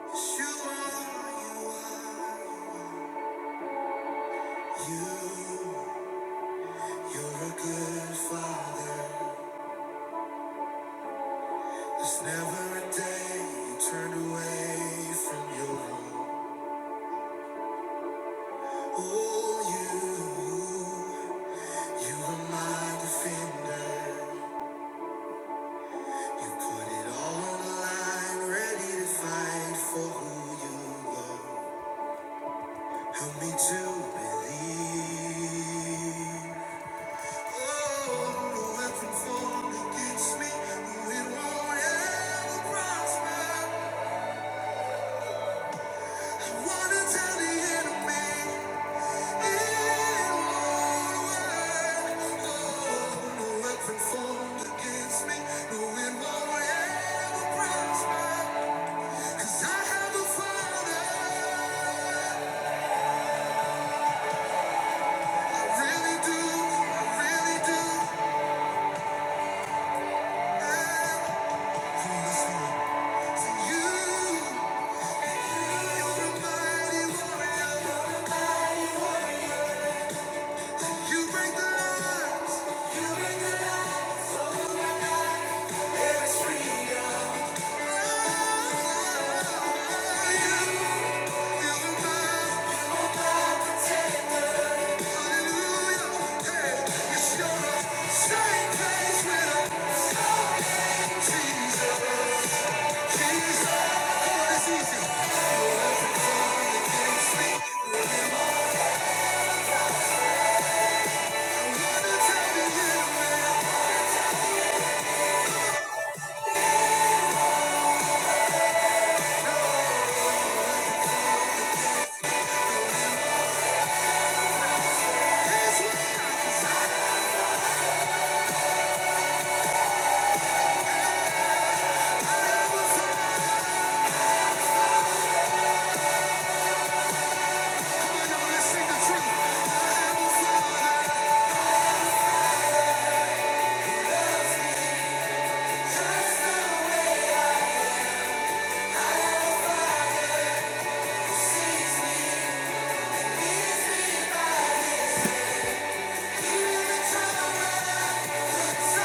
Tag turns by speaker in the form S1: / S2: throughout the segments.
S1: Yes, You, you're a good father. There's never a day you turn away from your own. Oh, you, you are my defender. You put it all on the line, ready to fight for who you love. Help me to believe. Thank you You break the lines, feel the vibe, hallelujah. Hey, it's your same place with a Jesus, Jesus. Oh, it's easy. You're up and down, you can't sleep. Remember, you, yeah, man, it's what I desire. I never thought I would only sing the truth. I never thought I'd trust the way I am. Sees me, leads me by. You even Thank you.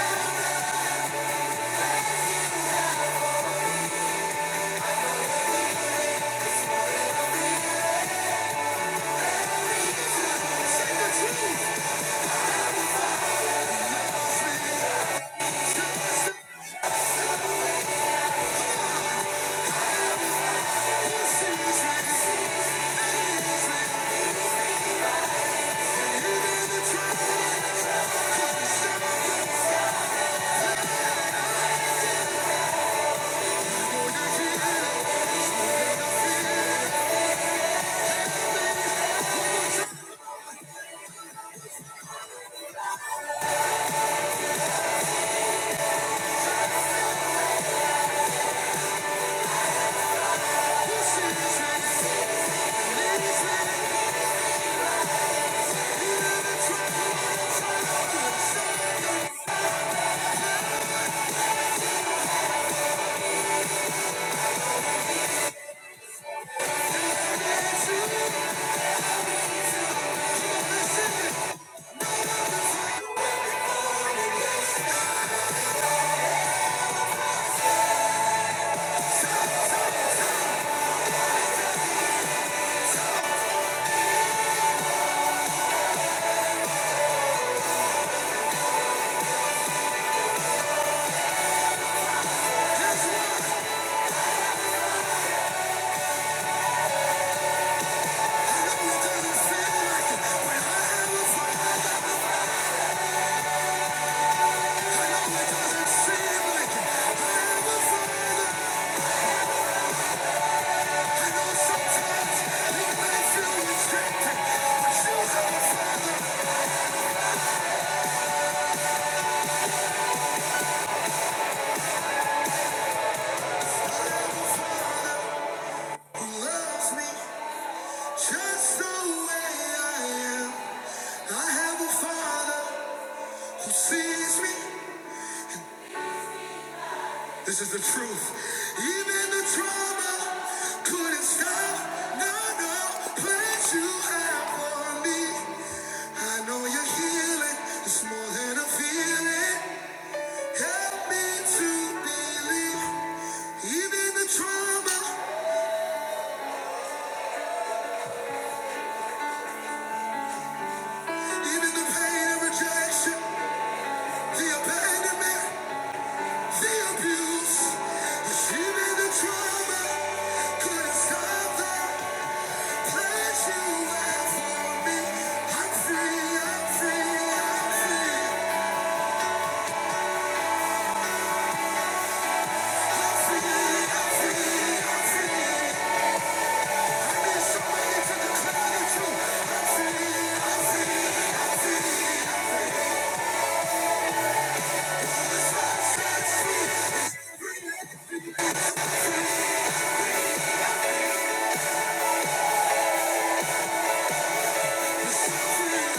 S1: This is the truth. Even the trauma couldn't stop. No, no, plans you have for me. I know you're healing. It's more than a feeling. Help me to believe, even the trauma, even the pain of rejection, the abandonment, the abuse, yes, even the trauma couldn't stop the plan you have for me. I'm free, I'm free, I'm free, I'm free, I'm free, I'm free. I've been so ready to declare the cloud of truth. I'm free, I'm free, set free, set free.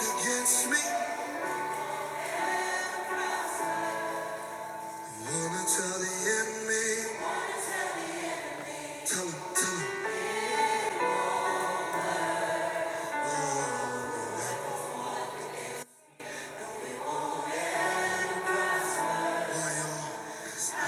S1: Against me, wanna tell the enemy, tell him, tell him, oh, why y'all?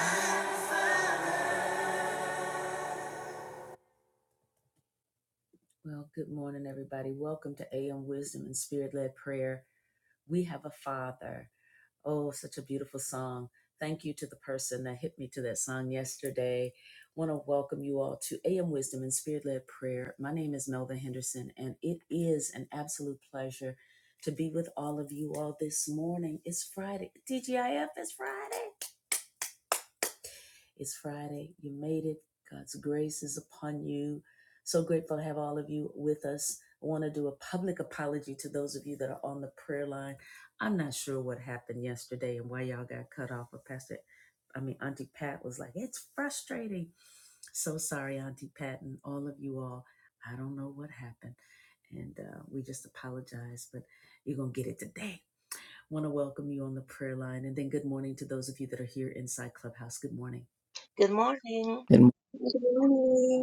S2: Good morning.
S3: then
S4: Good morning.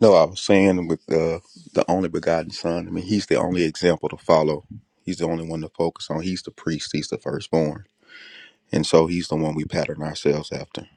S5: No, I was saying with the the only begotten son. I mean, he's the only example to follow. He's the only one to focus on. He's the priest. He's the firstborn, and so he's the one we pattern ourselves after.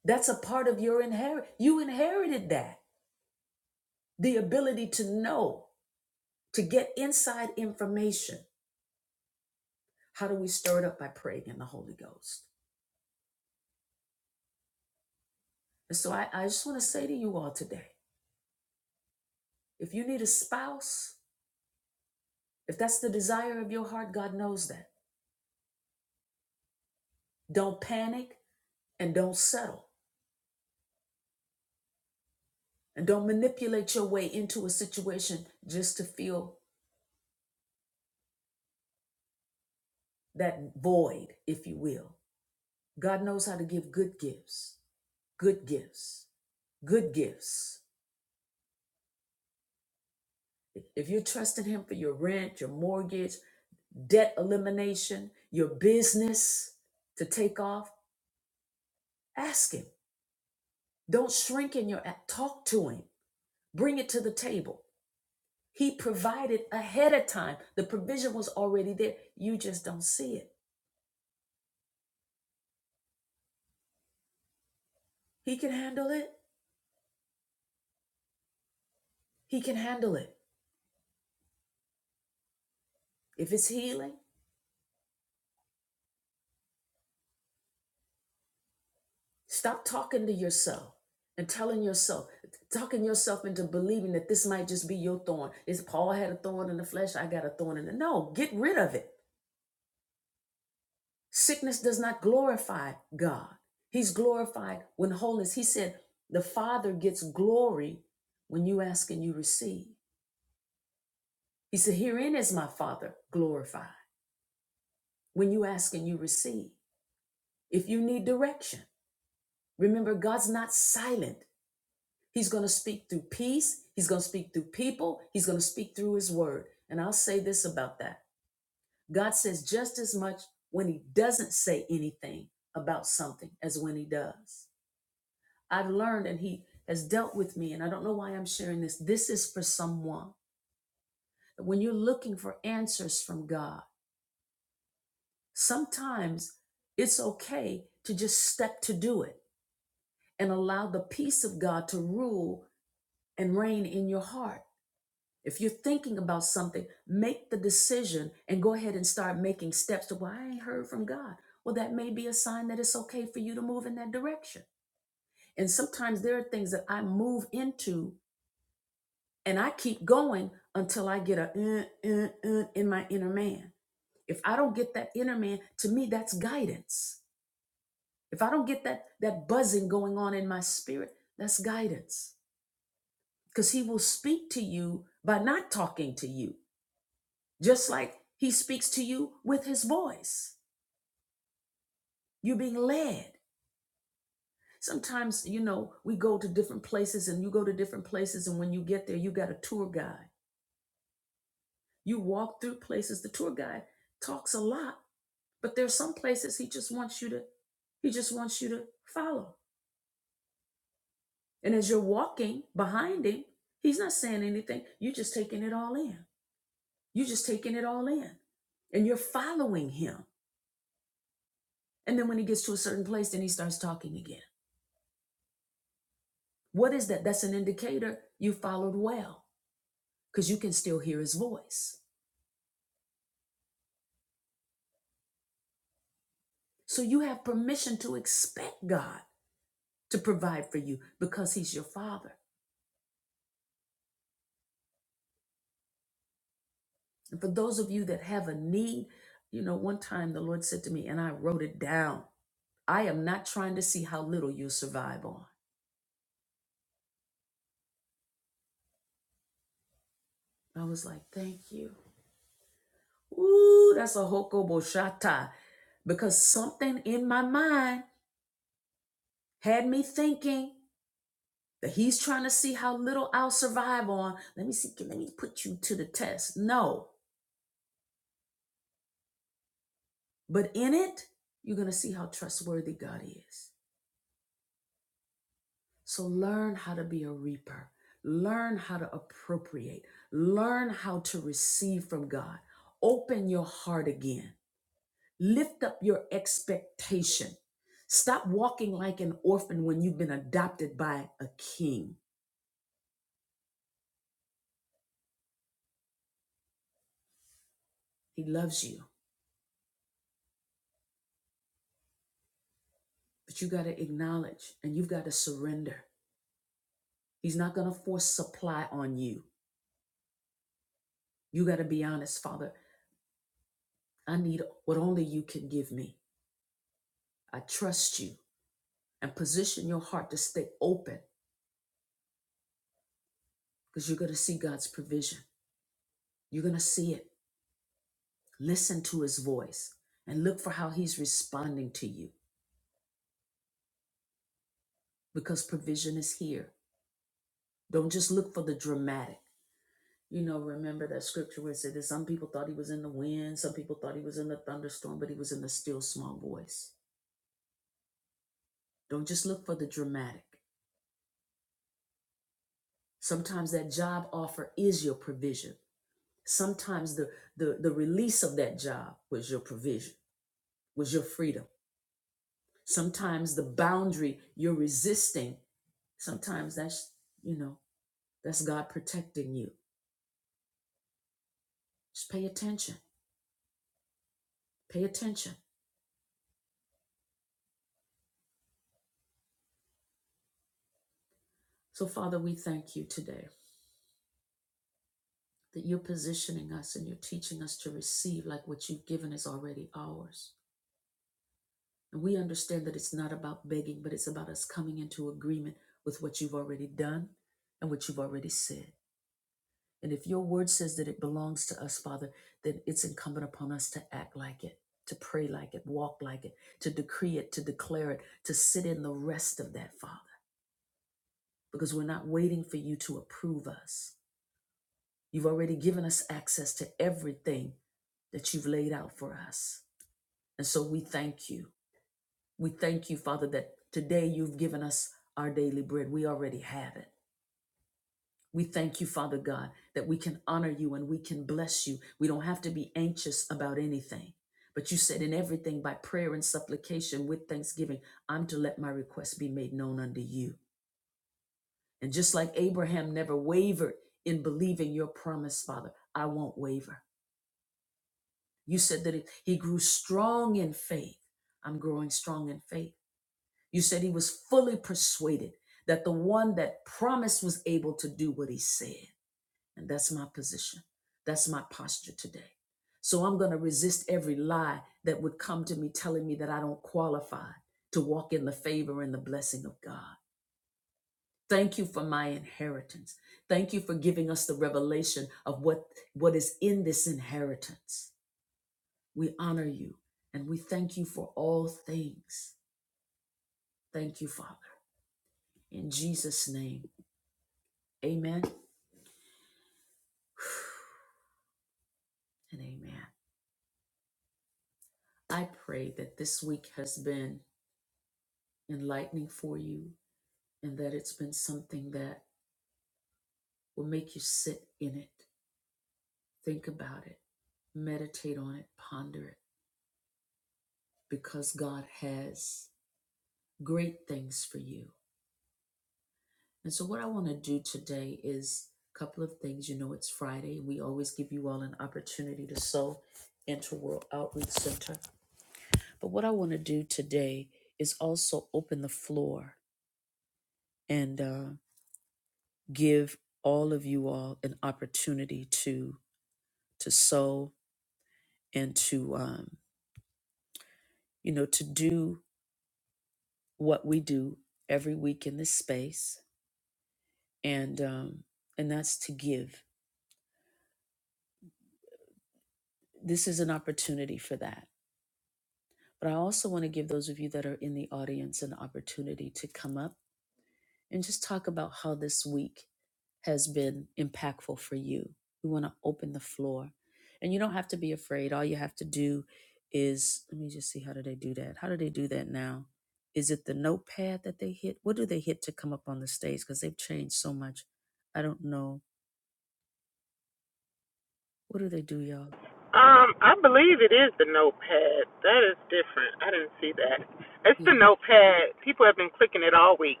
S6: Um, I believe it is the notepad. That is different. I didn't see that. It's the notepad. People have been clicking it all week.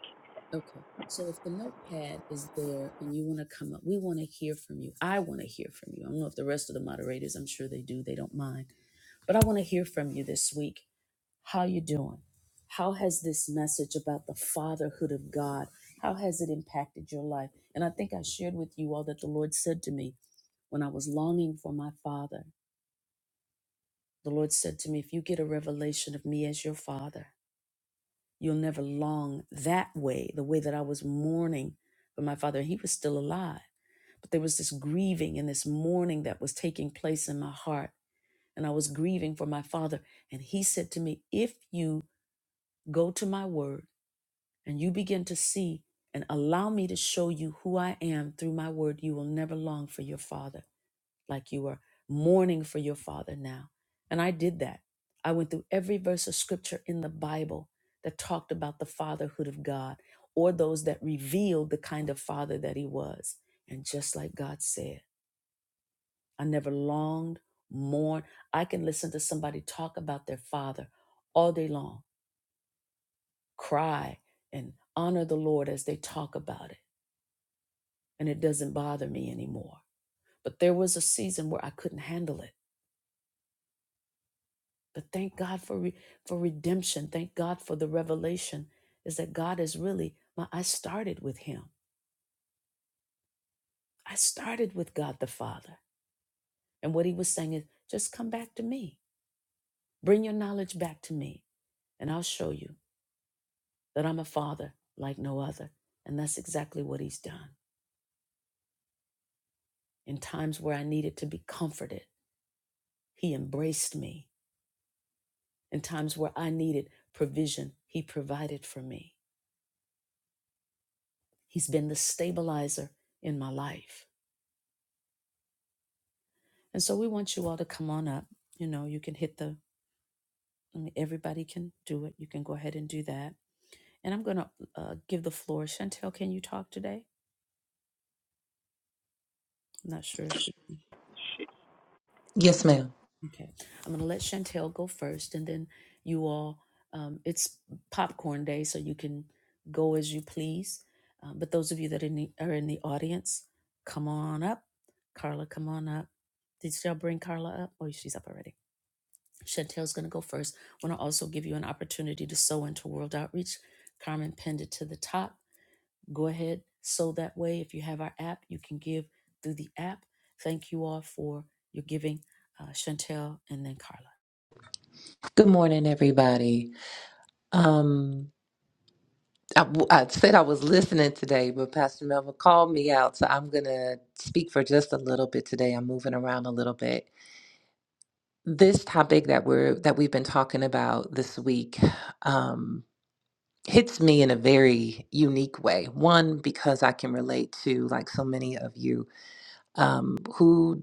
S6: Shit.
S7: Yes, ma'am. Good morning, everybody. Um, I, I said I was listening today, but Pastor Melvin called me out, so I'm going to speak for just a little bit today. I'm moving around a little bit. This topic that we're that we've been talking about this week um, hits me in a very unique way. One, because I can relate to like so many of you um, who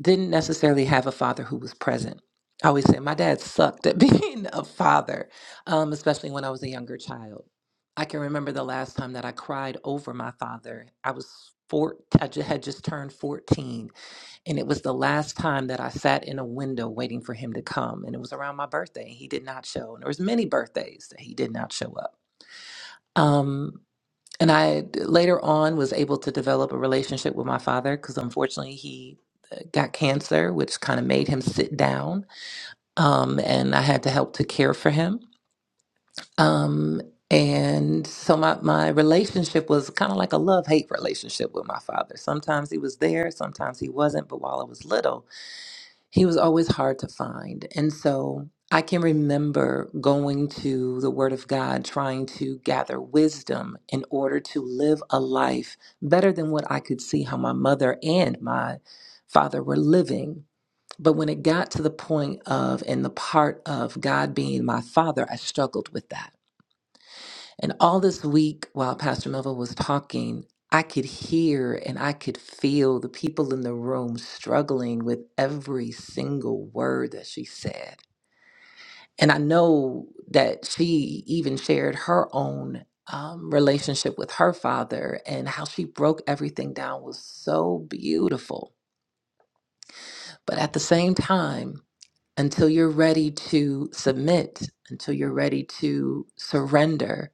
S7: didn't necessarily have a father who was present. I always say my dad sucked at being a father, um, especially when I was a younger child. I can remember the last time that I cried over my father. I was four, I ju- had just turned 14, and it was the last time that I sat in a window waiting for him to come. And it was around my birthday, and he did not show. And there was many birthdays that he did not show up. Um, and I later on was able to develop a relationship with my father because unfortunately he uh, got cancer, which kind of made him sit down. Um, and I had to help to care for him. Um, and so my, my relationship was kind of like a love hate relationship with my father. Sometimes he was there, sometimes he wasn't. But while I was little, he was always hard to find. And so I can remember going to the Word of God, trying to gather wisdom in order to live a life better than what I could see how my mother and my father were living. But when it got to the point of and the part of God being my father, I struggled with that. And all this week, while Pastor Melville was talking, I could hear and I could feel the people in the room struggling with every single word that she said. And I know that she even shared her own um, relationship with her father and how she broke everything down was so beautiful. But at the same time, until you're ready to submit, until you're ready to surrender,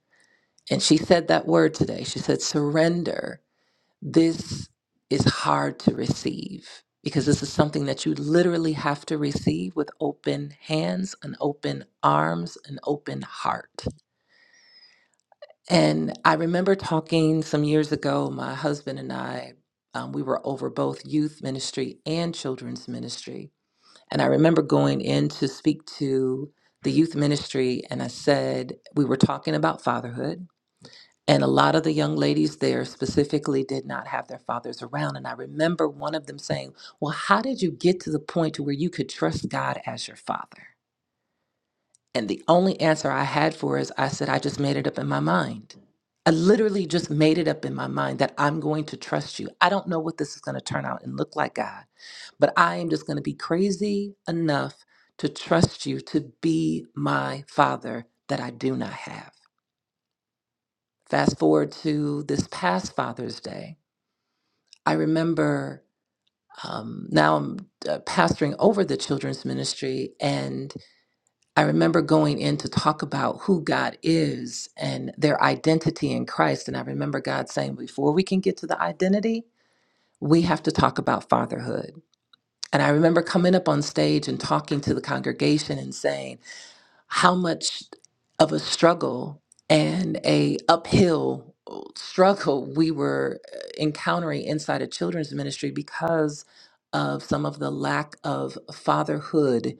S7: And she said that word today. She said, surrender. This is hard to receive because this is something that you literally have to receive with open hands and open arms and open heart. And I remember talking some years ago, my husband and I, um, we were over both youth ministry and children's ministry. And I remember going in to speak to the youth ministry, and I said, we were talking about fatherhood. And a lot of the young ladies there specifically did not have their fathers around. And I remember one of them saying, Well, how did you get to the point to where you could trust God as your father? And the only answer I had for her is I said, I just made it up in my mind. I literally just made it up in my mind that I'm going to trust you. I don't know what this is going to turn out and look like, God, but I am just going to be crazy enough to trust you to be my father that I do not have. Fast forward to this past Father's Day. I remember um, now I'm uh, pastoring over the children's ministry, and I remember going in to talk about who God is and their identity in Christ. And I remember God saying, before we can get to the identity, we have to talk about fatherhood. And I remember coming up on stage and talking to the congregation and saying, how much of a struggle and a uphill uh, struggle we were uh, encountering inside of children's ministry because of some of the lack of fatherhood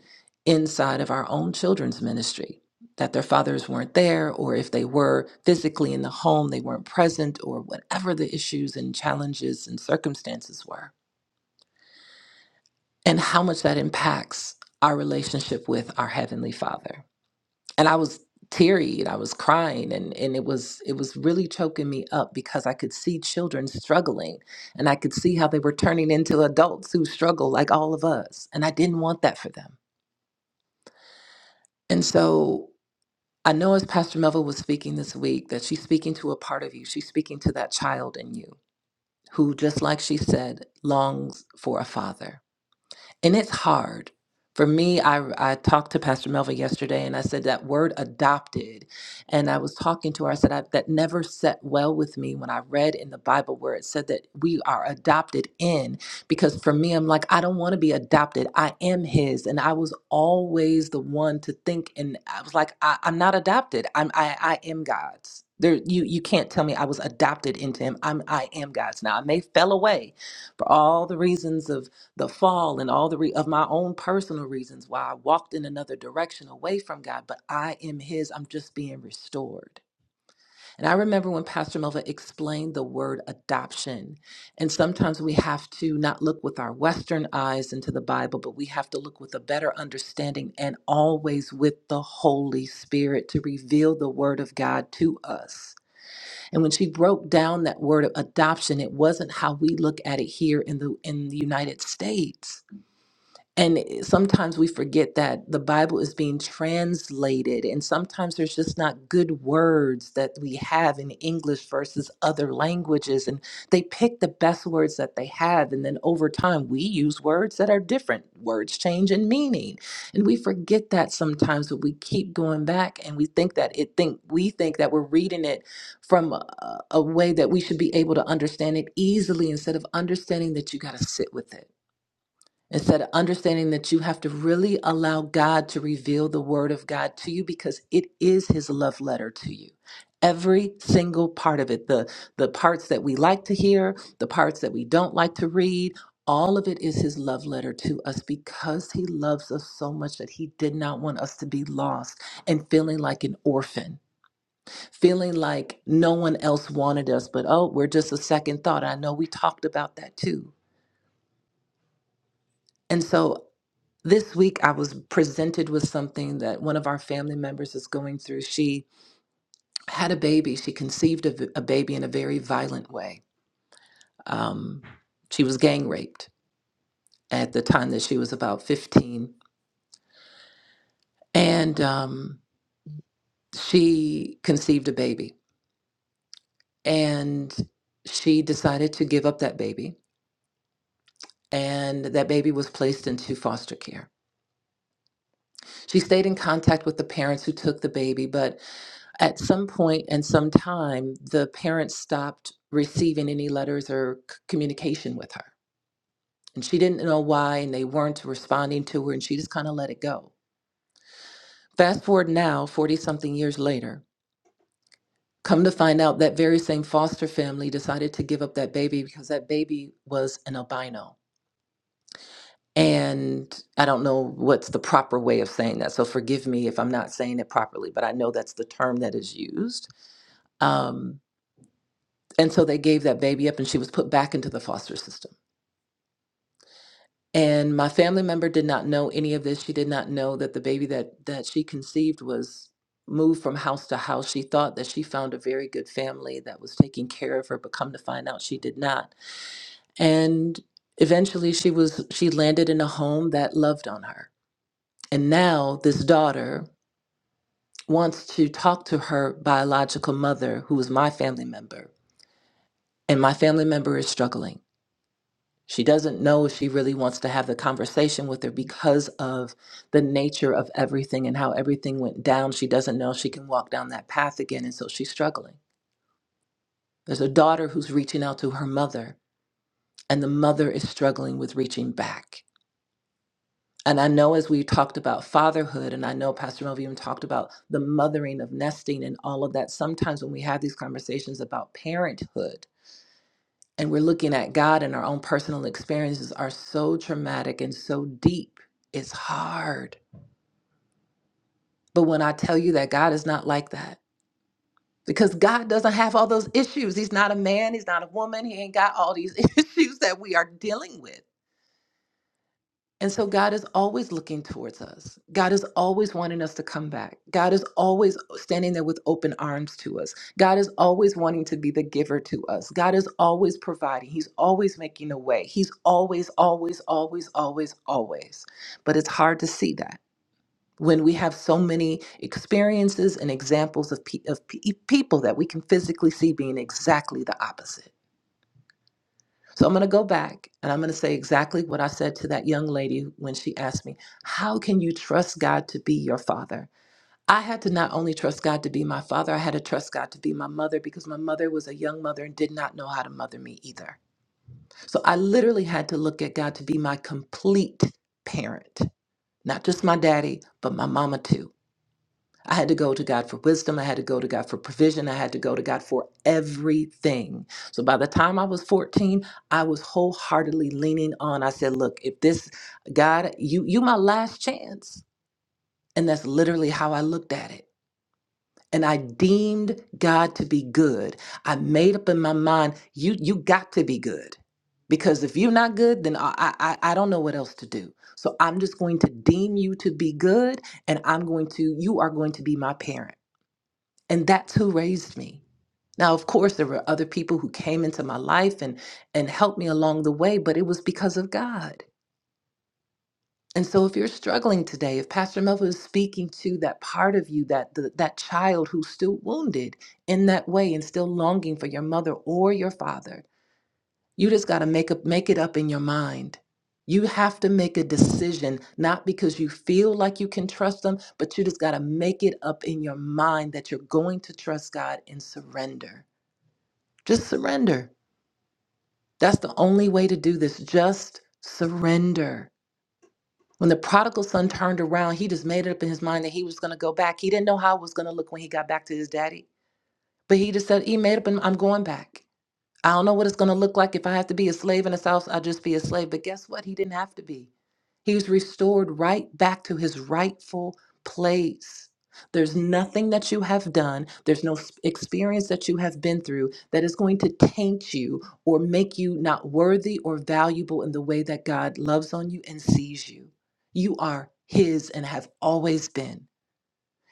S7: inside of our own children's ministry that their fathers weren't there or if they were physically in the home they weren't present or whatever the issues and challenges and circumstances were and how much that impacts our relationship with our heavenly father and I was teary-eyed. I was crying, and and it was it was really choking me up because I could see children struggling, and I could see how they were turning into adults who struggle like all of us, and I didn't want that for them. And so I know as Pastor Melville was speaking this week that she's speaking to a part of you. She's speaking to that child in you who, just like she said, longs for a father And it's hard. For me, I, I talked to Pastor Melva yesterday and I said that word adopted. And I was talking to her, I said, I, that never set well with me when I read in the Bible where it said that we are adopted in. Because for me, I'm like, I don't want to be adopted. I am his. And I was always the one to think, and I was like, I, I'm not adopted. I'm, I, I am God's. There, you, you can't tell me I was adopted into him. I'm, I am God's. Now, I may fell away for all the reasons of the fall and all the re- of my own personal reasons why I walked in another direction away from God, but I am His. I'm just being restored. And I remember when Pastor Melva explained the word adoption. And sometimes we have to not look with our Western eyes into the Bible, but we have to look with a better understanding and always with the Holy Spirit to reveal the word of God to us. And when she broke down that word of adoption, it wasn't how we look at it here in the in the United States and it- sometimes we forget that the Bible is being translated, and sometimes there's just not good words that we have in English versus other languages. And they pick the best words that they have. And then over time, we use words that are different. Words change in meaning. And we forget that sometimes, but we keep going back and we think that it think we think that we're reading it from a, a way that we should be able to understand it easily instead of understanding that you got to sit with it it's that understanding that you have to really allow God to reveal the Word of God to you because it is His love letter to you. Every single part of it, the, the parts that we like to hear, the parts that we don't like to read, all of it is His love letter to us because He loves us so much that He did not want us to be lost and feeling like an orphan, feeling like no one else wanted us, but oh, we're just a second thought. I know we talked about that too and so this week I was presented with something that one of our family members is going through. She had a baby. She conceived a, v- a baby in a very violent way. Um, she was gang raped at the time that she was about 15, and um, she conceived a baby. And she decided to give up that baby, and that baby was placed into foster care. She stayed in contact with the parents who took the baby, but at some point and some time, the parents stopped receiving any letters or c- communication with her. And she didn't know why, and they weren't responding to her, and she just kind of let it go. Fast forward now, 40 something years later, come to find out that very same foster family decided to give up that baby because that baby was an albino. And I don't know what's the proper way of saying that. So forgive me if I'm not saying it properly, but I know that's the term that is used. Um, And so they gave that baby up and she was put back into the foster system. And my family member did not know any of this. She did not know that the baby that, that she conceived was moved from house to house. She thought that she found a very good family that was taking care of her, but come to find out she did not. And eventually she was she landed in a home that loved on her. And now this daughter wants to talk to her biological mother, who is my family member, and my family member is struggling She doesn't know if she really wants to have the conversation with her because of the nature of everything and how everything went down. She doesn't know if she can walk down that path again. And so she's struggling. There's a daughter who's reaching out to her mother, and the mother is struggling with reaching back. And I know as we talked about fatherhood, and I know Pastor Melvin even talked about the mothering of nesting and all of that, sometimes when we have these conversations about parenthood, and we're looking at God and our own personal experiences are so traumatic and so deep, it's hard. But when I tell you that God is not like that, because God doesn't have all those issues. He's not a man, he's not a woman, he ain't got all these issues that we are dealing with. And so God is always looking towards us. God is always wanting us to come back. God is always standing there with open arms to us. God is always wanting to be the giver to us. God is always providing. He's always making a way. He's always, always, always, always, always. But it's hard to see that when we have so many experiences and examples of, pe- of pe- people that we can physically see being exactly the opposite. So I'm going to go back and I'm going to say exactly what I said to that young lady when she asked me, How can you trust God to be your father? I had to not only trust God to be my father, I had to trust God to be my mother because my mother was a young mother and did not know how to mother me either. So I literally had to look at God to be my complete parent, not just my daddy, but my mama too. I had to go to God for wisdom. I had to go to God for provision. I had to go to God for everything. So by the time I was 14, I was wholeheartedly leaning on. I said, look, if this God, you you my last chance. And that's literally how I looked at it. And I deemed God to be good. I made up in my mind, you you got to be good. Because if you're not good, then I, I I I don't know what else to do. So I'm just going to deem you to be good, and I'm going to you are going to be my parent and that's who raised me now of course there were other people who came into my life and and helped me along the way but it was because of god and so if you're struggling today if pastor melville is speaking to that part of you that the, that child who's still wounded in that way and still longing for your mother or your father you just got to make up make it up in your mind you have to make a decision not because you feel like you can trust them but you just got to make it up in your mind that you're going to trust god and surrender Just surrender. That's the only way to do this. Just surrender. When the prodigal son turned around, he just made it up in his mind that he was going to go back. He didn't know how it was going to look when he got back to his daddy, but he just said, He made up and I'm going back. I don't know what it's going to look like if I have to be a slave in his house. I'll just be a slave. But guess what? He didn't have to be. He was restored right back to his rightful place. There's nothing that you have done, there's no s- experience that you have been through that is going to taint you or make you not worthy or valuable in the way that God loves on you and sees you. You are his and have always been.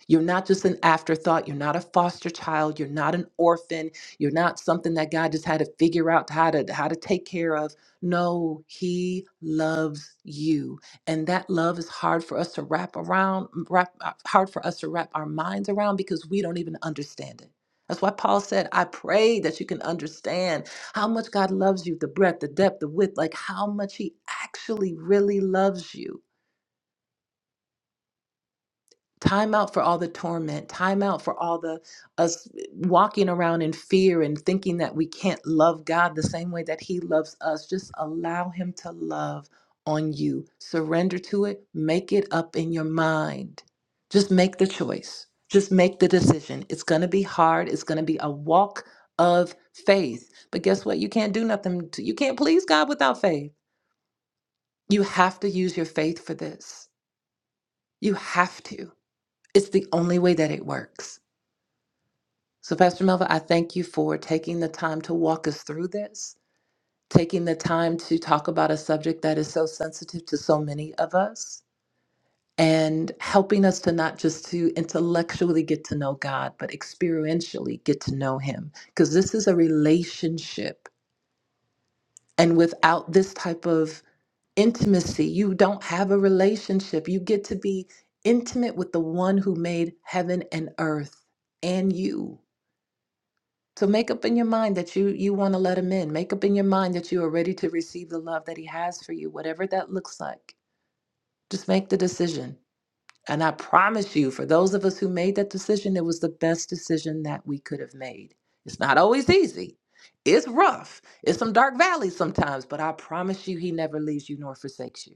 S7: You're not just an afterthought. You're not a foster child. You're not an orphan. You're not something that God just had to figure out how to how to take care of. No, He loves you, and that love is hard for us to wrap around, mm, wrap uh, hard for us to wrap our minds around because we don't even understand it. That's why Paul said, "I pray that you can understand how much God loves you, the breadth, the depth, the width, like how much He actually really loves you." Time out for all the torment. Time out for all the us walking around in fear and thinking that we can't love God the same way that He loves us. Just allow Him to love on you. Surrender to it. Make it up in your mind. Just make the choice. Just make the decision. It's going to be hard. It's going to be a walk of faith. But guess what? You can't do nothing. To, you can't please God without faith. You have to use your faith for this. You have to. It's the only way that it works. So, Pastor Melva, I thank you for taking the time to walk us through this, taking the time to talk about a subject that is so sensitive to so many of us, and helping us to not just to intellectually get to know God, but experientially get to know Him, because this is a relationship, and without this type of intimacy, you don't have a relationship. You get to be intimate with the one who made heaven and earth and you. So make up in your mind that you you want to let him in. Make up in your mind that you are ready to receive the love that he has for you, whatever that looks like. Just make the decision. And I promise you, for those of us who made that decision, it was the best decision that we could have made. It's not always easy. It's rough. It's some dark valleys sometimes, but I promise you he never leaves you nor forsakes you.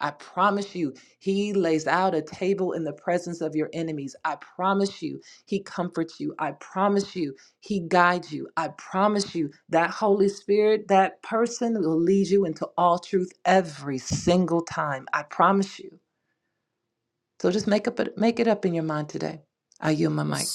S7: I promise you, he lays out a table in the presence of your enemies. I promise you, he comforts you. I promise you, he guides you. I promise you, that Holy Spirit, that person will lead you into all truth every single time. I promise you. So just make up make it up in your mind today. I yield my mic.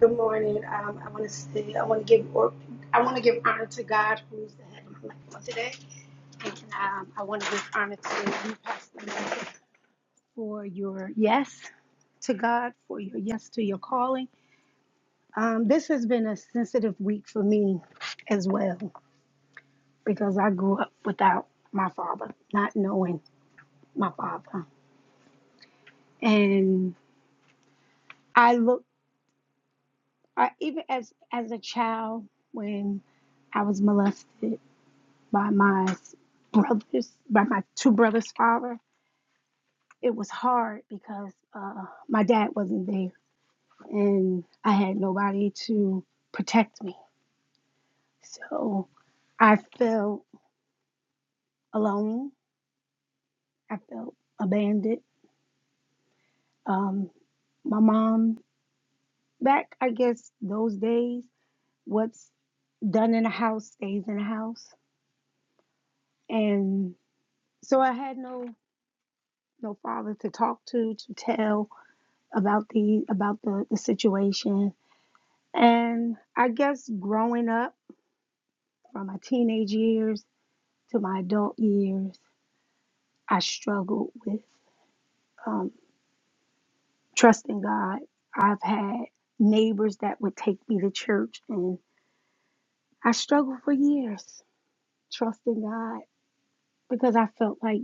S8: Good morning. Um, I want to say I want to give or I want to give honor to God, who's the head of my life on today, and um, I want to give honor to you, Pastor, Mel, for your yes to God, for your yes to your calling. Um, this has been a sensitive week for me as well because I grew up without my father, not knowing my father, and I look I, even as as a child when I was molested. by my brothers, by my two brothers' father. It was hard because uh, my dad wasn't there and I had nobody to protect me. So I felt alone. I felt abandoned. Um, my mom, back, I guess, those days, what's done in a house stays in a house. And so I had no no father to talk to, to tell about the about the, the situation And I guess growing up from my teenage years to my adult years, I struggled with um, trusting God. I've had neighbors that would take me to church, and I struggled for years trusting God because I felt like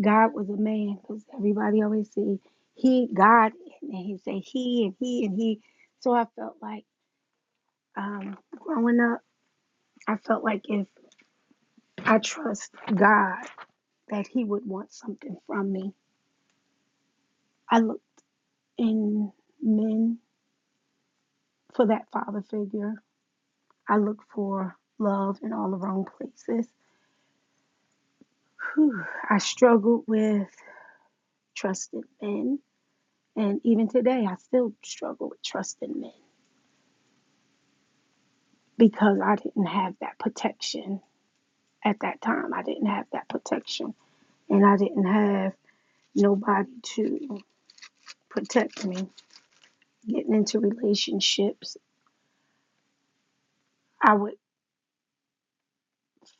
S8: God was a man. Because everybody always say He, God, and He say He and He and He. So I felt like um, growing up, I felt like if I trust God that he would want something from me. I look in men for that father figure. I look for love in all the wrong places. Whew, I struggled with trusted men. And even today, I still struggle with trusting men because I didn't have that protection at that time. I didn't have that protection. And I didn't have nobody to protect me. Getting into relationships, I would.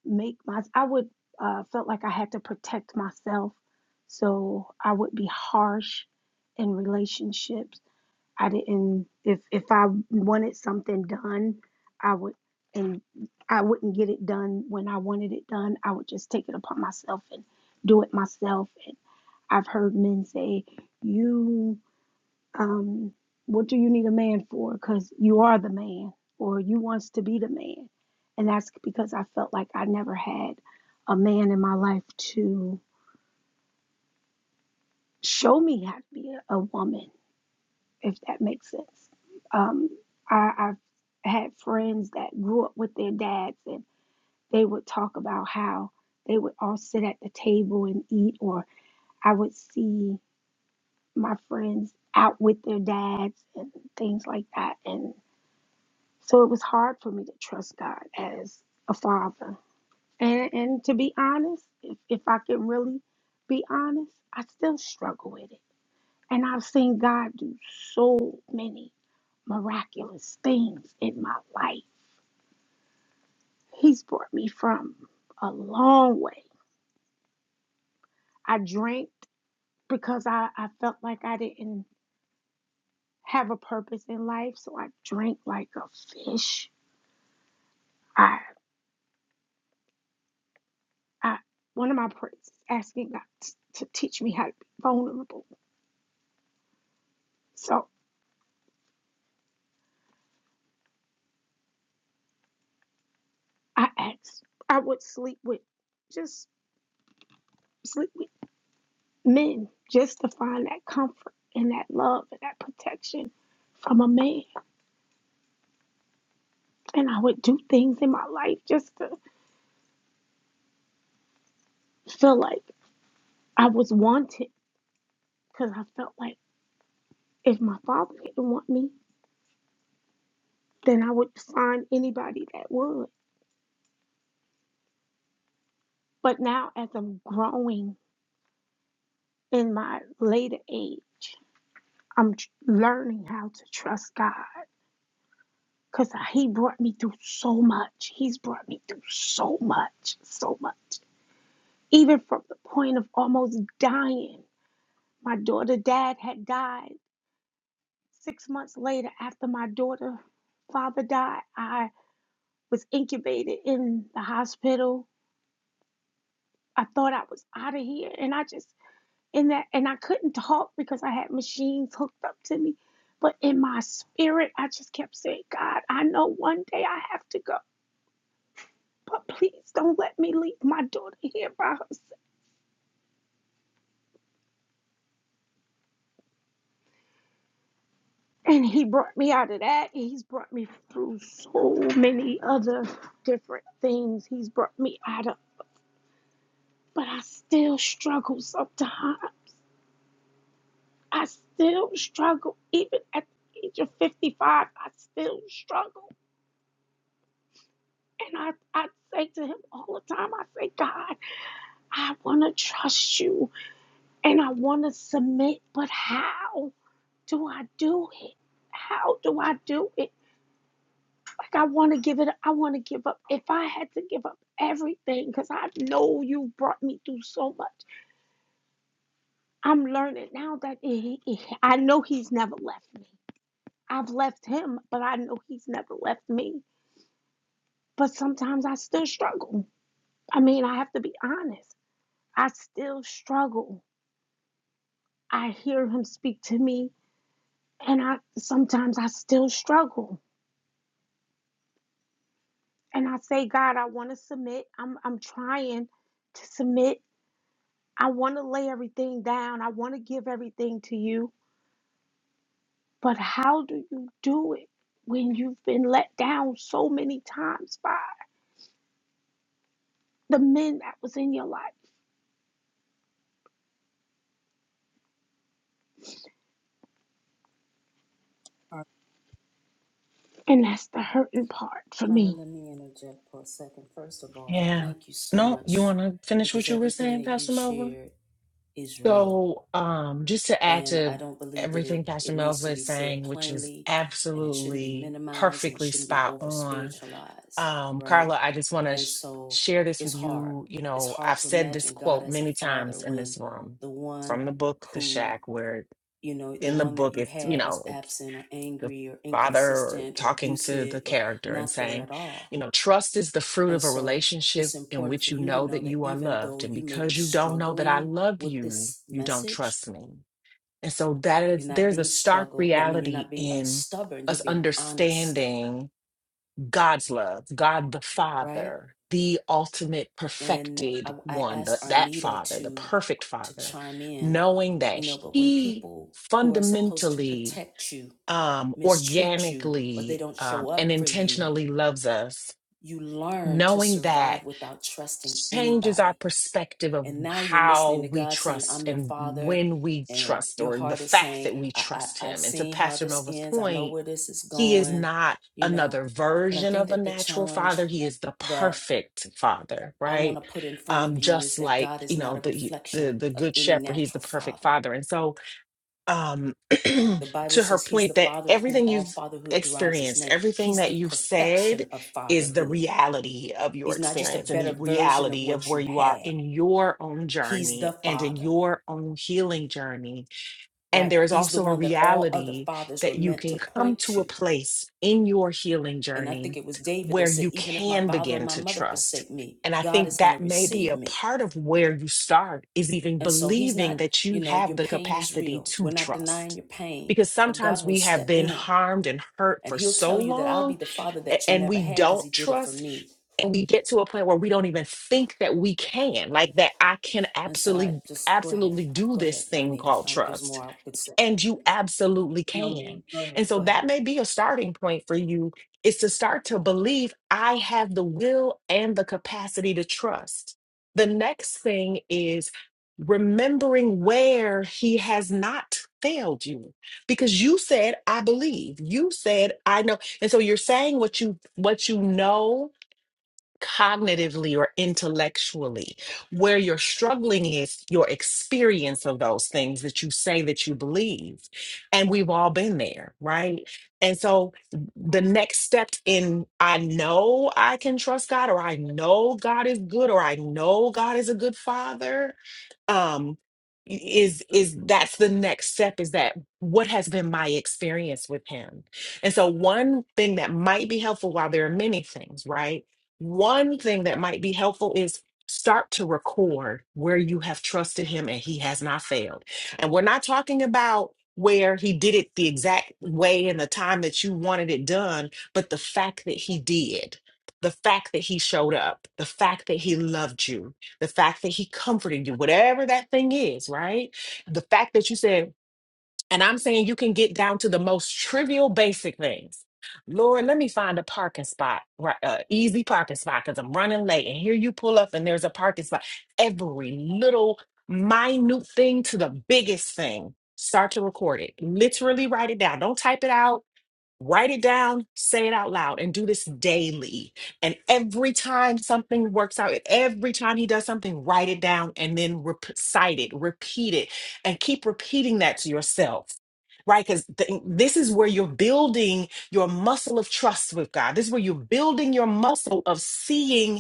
S8: make my I would uh, felt like I had to protect myself, so I would be harsh in relationships. I didn't if if I wanted something done, I would and I wouldn't get it done when I wanted it done. I would just take it upon myself and do it myself. And I've heard men say, "You." um, what do you need a man for? Because you are the man, or you wants to be the man, and that's because I felt like I never had a man in my life to show me how to be a, a woman, if that makes sense. Um, I, I've had friends that grew up with their dads, and they would talk about how they would all sit at the table and eat, or I would see my friends out with their dads and things like that, and So it was hard for me to trust God as a father. And and to be honest, if, if I can really be honest, I still struggle with it. And I've seen God do so many miraculous things in my life. He's brought me from a long way. I drank because I, I felt like I didn't have a purpose in life. So I drank like a fish. I I one of my prayers is asking God t- to teach me how to be vulnerable So I asked, I would sleep with, just sleep with men just to find that comfort and that love and that protection from a man. And I would do things in my life just to feel like I was wanted because I felt like if my father didn't want me, then I would find anybody that would. But now, as I'm growing in my later age, I'm tr- learning how to trust God Because he brought me through so much. He's brought me through so much, so much. Even from the point of almost dying. My daughter, dad had died. Six months later, after my daughter, father died, I was incubated in the hospital. I thought I was out of here. And I just, in that, and I couldn't talk because I had machines hooked up to me. But in my spirit, I just kept saying, God, I know one day I have to go. but please don't let me leave my daughter here by herself. And he brought me out of that. and He's brought me through so many other different things. He's brought me out of, but I still struggle sometimes. I still struggle. Even at the age of 55, I still struggle. And I, I say to him all the time, I say, God, I want to trust you and I want to submit, but how do I do it? How do I do it? Like I want to give it. I want to give up. If I had to give up everything, because I know you brought me through so much. I'm learning now that he, he- I know he's never left me. I've left him, but I know he's never left me. But sometimes I still struggle. I mean, I have to be honest. I still struggle. I hear him speak to me, and I sometimes I still struggle. And I say, God, I want to submit. I'm I'm trying to submit I want to lay everything down. I want to give everything to you. But how do you do it when you've been let down so many times by the men that was in your life? And that's the hurting part for me
S9: Yeah. No, you want to finish what you were saying, Pastor Melva? So, um, just to add to everything Pastor Melva is saying, which is absolutely perfectly spot on, um, Carla, I just want to sh- share this with you. You know, I've said this quote many times in this room from the book, The Shack, where in the book, it's, you know, the father or talking to the character and saying, you know, trust is the fruit of a relationship in which you know that you are loved. And because you don't know that I love you, you don't trust me. And so that is, there's a stark reality in us understanding God's love, God the Father, the ultimate perfected one, the, that Father, the perfect Father, knowing that He fundamentally um, organically um, and intentionally loves us, knowing that changes our perspective of how we trust and when we trust, or the fact that we trust Him. And to Pastor Nova's point, He is not another version of a natural father, He is the perfect father, right? Um, just like you know the the the good shepherd, he's the perfect father, and so um, to her point that everything you've experienced, everything that you've said is the reality of your experience and the reality of where you are in your own journey and in your own healing journey and there is also a reality that you can come to a place in your healing journey where you can begin to trust. And I think that may be a part of where you start is even believing that you have the capacity to trust. Because sometimes we have been harmed and hurt for so long a- and we don't trust and we get to a point where we don't even think that we can like that i can absolutely absolutely do this thing called trust and you absolutely can. And so that may be a starting point for you is to start to believe I have the will and the capacity to trust. The next thing is remembering where he has not failed you because you said I believe. You said I know. And so you're saying what you what you know cognitively or intellectually. Where you're struggling is your experience of those things that you say that you believe. And we've all been there, right? And so the next step in I know I can trust God, or I know God is good, or I know God is a good father um is is that's the next step is that what has been my experience with him and so one thing that might be helpful while there are many things right one thing that might be helpful is start to record where you have trusted him and he has not failed and we're not talking about where he did it the exact way and the time that you wanted it done but the fact that he did the fact that he showed up the fact that he loved you the fact that he comforted you, whatever that thing is, right? The fact that you said, and I'm saying you can get down to the most trivial basic things. Lord, let me find a parking spot, right? Uh, easy parking spot because I'm running late. And here you pull up and there's a parking spot. Every little minute thing to the biggest thing. Start to record it. Literally write it down. Don't type it out Write it down, say it out loud, and do this daily. And every time something works out, every time he does something, write it down and then recite it, repeat it, and keep repeating that to yourself. Right? Because this is where you're building your muscle of trust with God. This is where you're building your muscle of seeing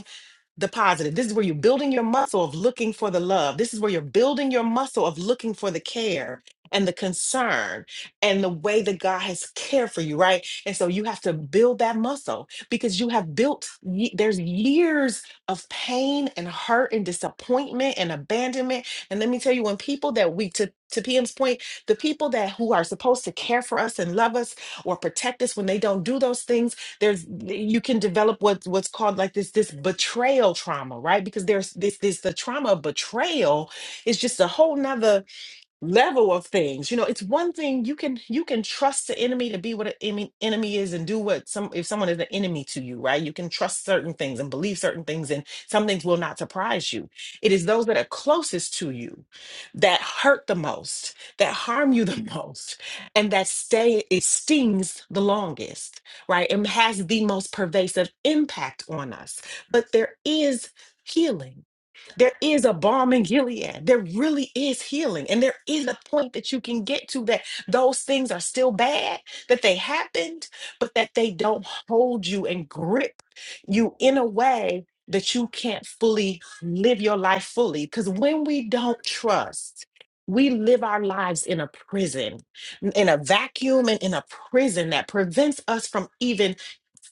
S9: the positive. This is where you're building your muscle of looking for the love. This is where you're building your muscle of looking for the care and the concern and the way that God has cared for you, right? And so you have to build that muscle because you have built, ye- there's years of pain and hurt and disappointment and abandonment. And let me tell you, when people that we, to, to PM's point, the people that who are supposed to care for us and love us or protect us, when they don't do those things, there's you can develop what's what's called like this this betrayal trauma right because there's this this the trauma of betrayal is just a whole nother level of things you know it's one thing you can you can trust the enemy to be what an enemy enemy is and do what some if someone is an enemy to you right you can trust certain things and believe certain things and some things will not surprise you it is those that are closest to you that hurt the most that harm you the most and that stay it stings the longest right and has the most pervasive impact on us but there is healing there is a balm in Gilead. There really is healing. And there is a point that you can get to that those things are still bad, that they happened, but that they don't hold you and grip you in a way that you can't fully live your life fully. Because when we don't trust, we live our lives in a prison, in a vacuum and in a prison that prevents us from even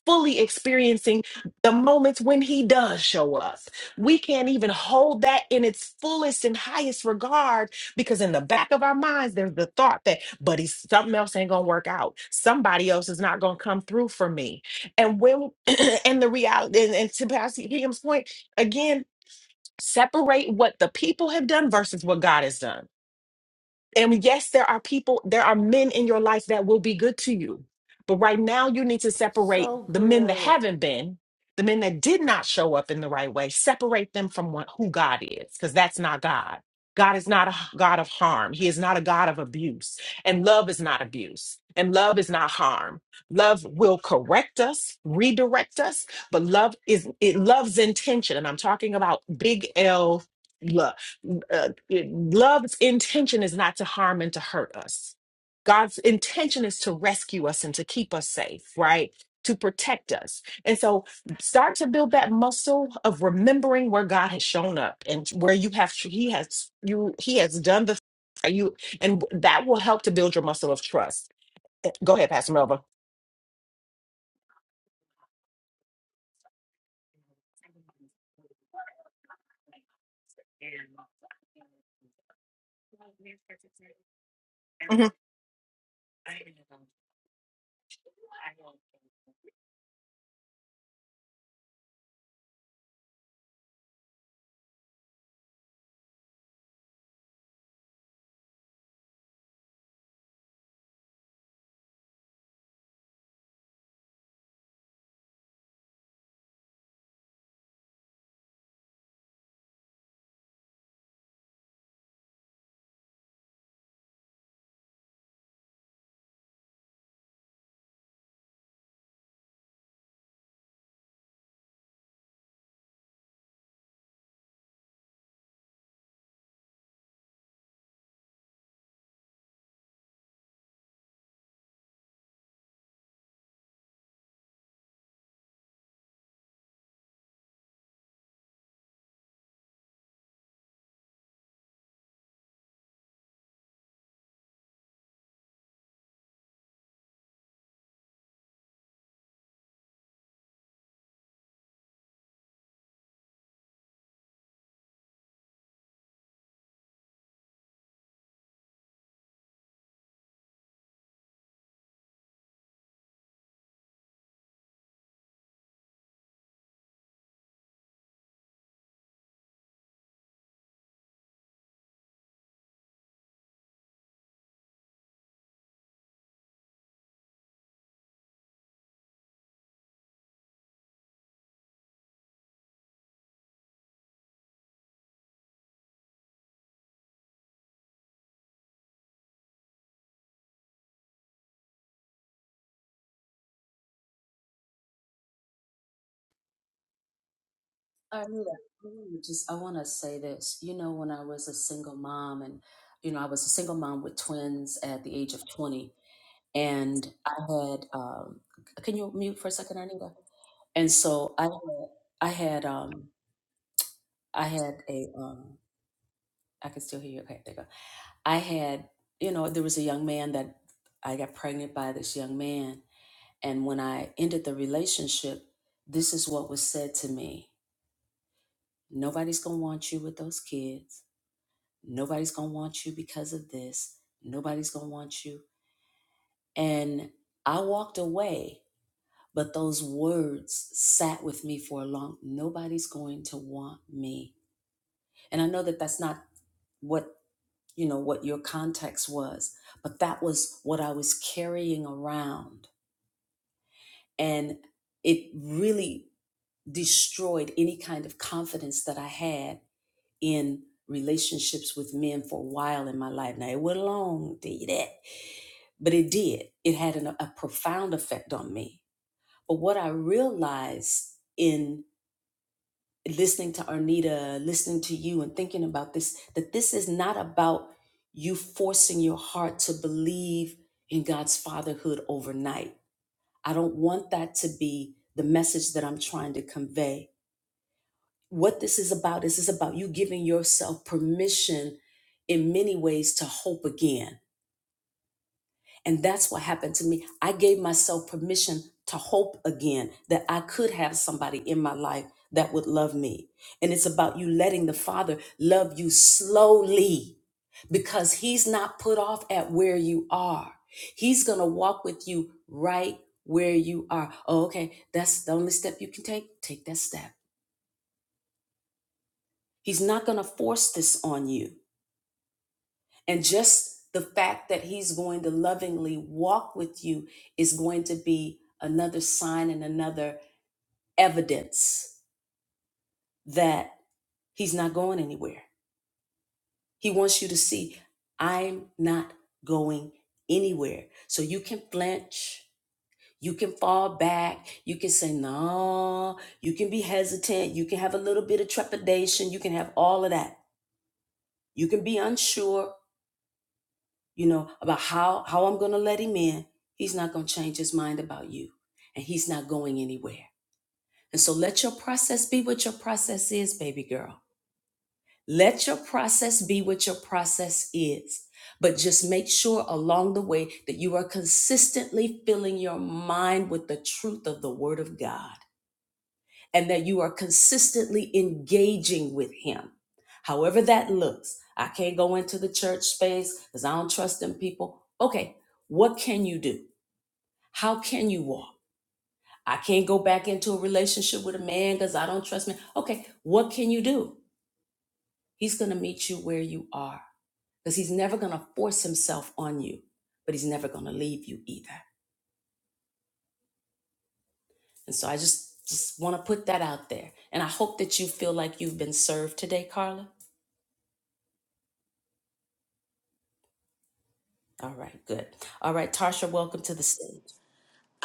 S9: fully experiencing the moments when he does show up. We can't even hold that in its fullest and highest regard because in the back of our minds, there's the thought that, but he's something else ain't gonna work out. Somebody else is not gonna come through for me. And when and the reality and, and to Pastor Hingham's point, again, separate what the people have done versus what God has done and yes, there are people, there are men in your life that will be good to you. But right now, you need to separate
S6: So
S9: the men that
S6: good.
S9: haven't been, the men that did not show up in the right way, separate them from what, who God is, because that's not God. God is not a h- God of harm. He is not a God of abuse. And love is not abuse. And love is not harm. Love will correct us, redirect us, but love is it loves intention. And I'm talking about big L love uh, it- love's intention is not to harm and to hurt us. God's intention is to rescue us and to keep us safe, right? To protect us. And so start to build that muscle of remembering where God has shown up and where you have he has you he has done the you and that will help to build your muscle of trust. Eh, Go ahead, Pastor Melva.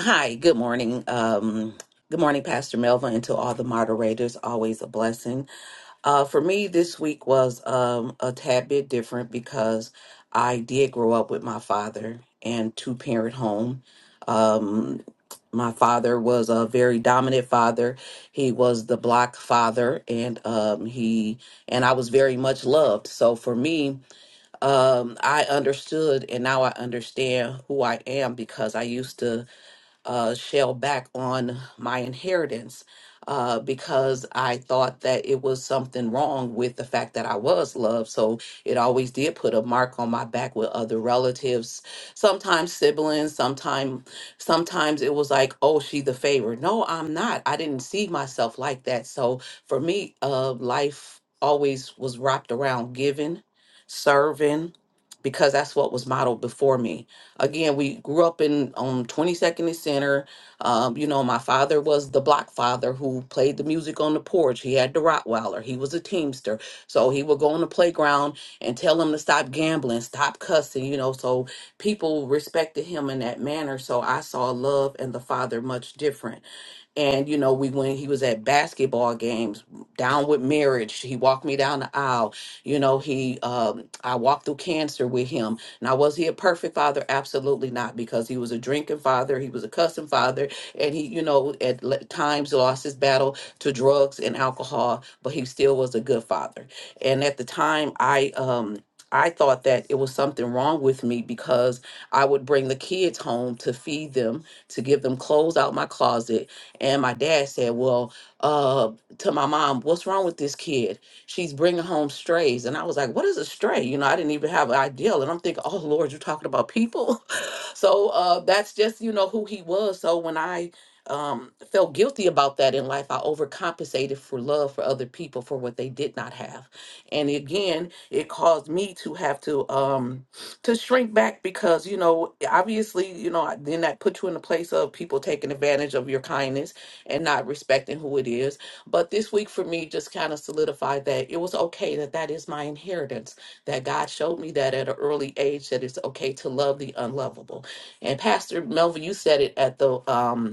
S10: Hi, good morning. Um, good morning, Pastor Melva, and to all the moderators. Always a blessing. Uh, for me, this week was um, a tad bit different because I did grow up with my father and two parent home. Um, my father was a very dominant father. He was the block father, and um, he and I was very much loved. So for me, um, I understood, and now I understand who I am because I used to uh, shell back on my inheritance uh, because I thought that it was something wrong with the fact that I was loved. So it always did put a mark on my back with other relatives, sometimes siblings, sometimes sometimes it was like, oh, she the favorite. No, I'm not. I didn't see myself like that. So for me, uh, life always was wrapped around giving, serving, because that's what was modeled before me Again, we grew up in on 22nd and Center. Um, you know, my father was the block father who played the music on the porch. He had the Rottweiler. He was a teamster. So he would go on the playground and tell them to stop gambling, stop cussing, you know. So people respected him in that manner. So I saw love and the father much different. And you know, we when he was at basketball games, down with marriage, he walked me down the aisle. You know, he um, I walked through cancer with him. Now, was he a perfect father? Absolutely not, because he was a drinking father, he was a cussing father, and he, you know, at le- times lost his battle to drugs and alcohol, but he still was a good father. And at the time, I um I thought that it was something wrong with me because I would bring the kids home to feed them, to give them clothes out my closet, and my dad said, Well, uh, to my mom, what's wrong with this kid? She's bringing home strays. And I was like, What is a stray? You know, I didn't even have an idea. And I'm thinking, Oh, Lord, you're talking about people. so uh, that's just, you know, who he was. So when I um, felt guilty about that in life, I overcompensated for love for other people for what they did not have. And again, it caused me to have to. Um, to shrink back because you know obviously you know then that puts you in a place of people taking advantage of your kindness and not respecting who it is but this week for me just kind of solidified that it was okay that that is my inheritance that god showed me that at an early age that it's okay to love the unlovable and pastor melvin you said it at the um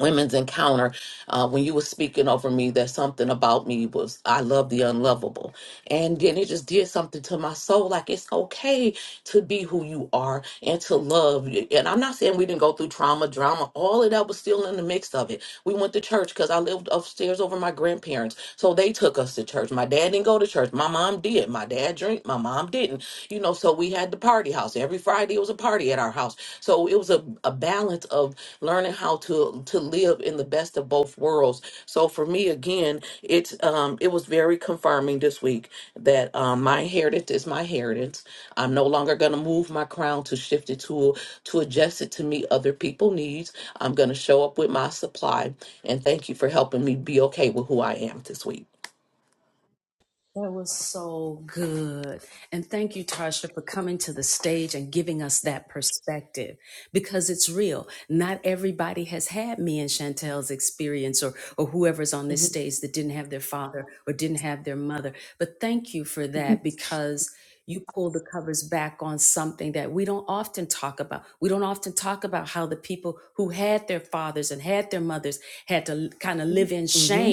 S10: women's encounter uh, when you were speaking over me that something about me was i love the unlovable and then it just did something to my soul like it's okay to be who you are and to love and i'm not saying we didn't go through trauma drama all of that was still in the mix of it we went to church because i lived upstairs over my grandparents so they took us to church. My dad didn't go to church. My mom did. My dad drank. My mom didn't. You know, so we had the party house. Every Friday it was a party at our house. So it was a, a balance of learning how to to live in the best of both worlds. So for me again, um, it was very confirming this week that um, my inheritance is my inheritance. I'm no longer going to move my crown to shift it to to adjust it to meet other people's needs. I'm going to show up with my supply. And thank you for helping me be okay with who I am this week. Mm-hmm. hmm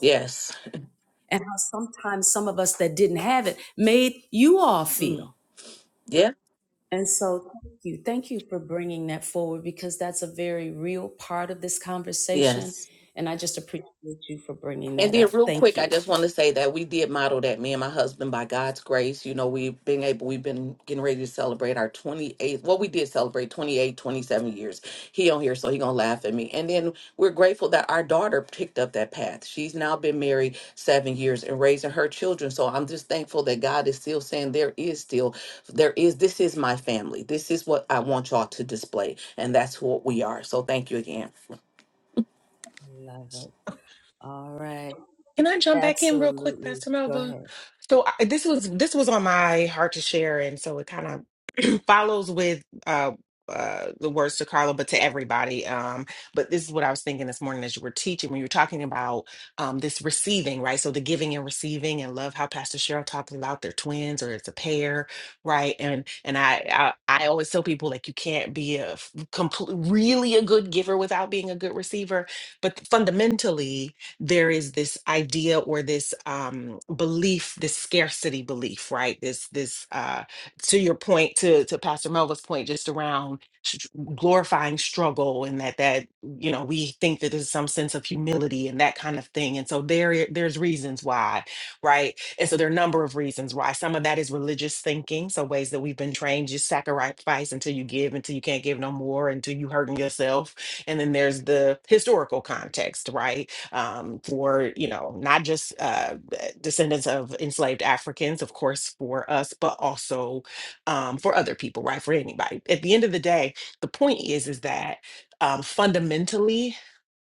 S10: Yes. Mm. Yeah. Yes. And then, real quick, I just want to say that we did model that. Me and my husband, by God's grace, you know, we've been able, we've been getting ready to celebrate our 28th. Well, we did celebrate 28, 27 years. He on here, so he gonna laugh at me. And then we're grateful that our daughter picked up that path. She's now been married seven years and raising her children. So I'm just thankful that God is still saying there is still, there is. This is my family. This is what I want y'all to display, and that's what we are. So thank you again.
S9: Can I jump back in real quick, Pastor Melva? So I, this was this was on my heart to share, and so it kind of follows with uh, uh, the words to Carla, but to everybody. Um, but this is what I was thinking this morning as you were teaching when you were talking about um, this receiving, right? So the giving and receiving, and love how Pastor Cheryl talked about their twins or it's a pair, right? And and I I, I always tell people like you can't be a f- complete really a good giver without being a good receiver, but fundamentally there is this idea or this um, belief, this scarcity belief, right? This this uh, to your point, to to Pastor Melva's point, just around s- glorifying struggle and that that you know we think that there's some sense of humility and that kind of thing. And so there there's reasons why, right? And so there are a number of reasons why. Some of that is religious thinking, so ways that we've been trained just sacrifice until you give, until you can't give no more, until you hurting yourself. And then there's the historical context, right? um, for you know not just uh, descendants of enslaved Africans, of course, for us, but also um, for other people, right? For anybody. At the end of the day, the point is is that um, fundamentally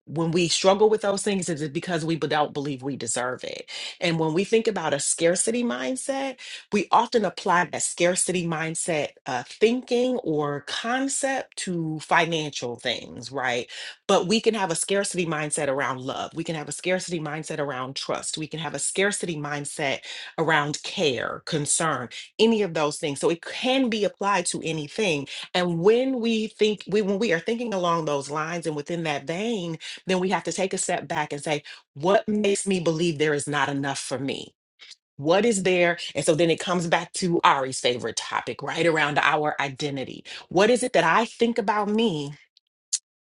S9: when we struggle with those things is it because we b- don't believe we deserve it and when we think about a scarcity mindset we often apply that scarcity mindset uh, thinking or concept to financial things right but we can have a scarcity mindset around love we can have a scarcity mindset around trust we can have a scarcity mindset around care concern any of those things so it can be applied to anything and when we think we when we are thinking along those lines and within that vein then we have to take a step back and say, what makes me believe there is not enough for me? What is there? And so then it comes back to Ari's favorite topic, right around our identity. What is it that I think about me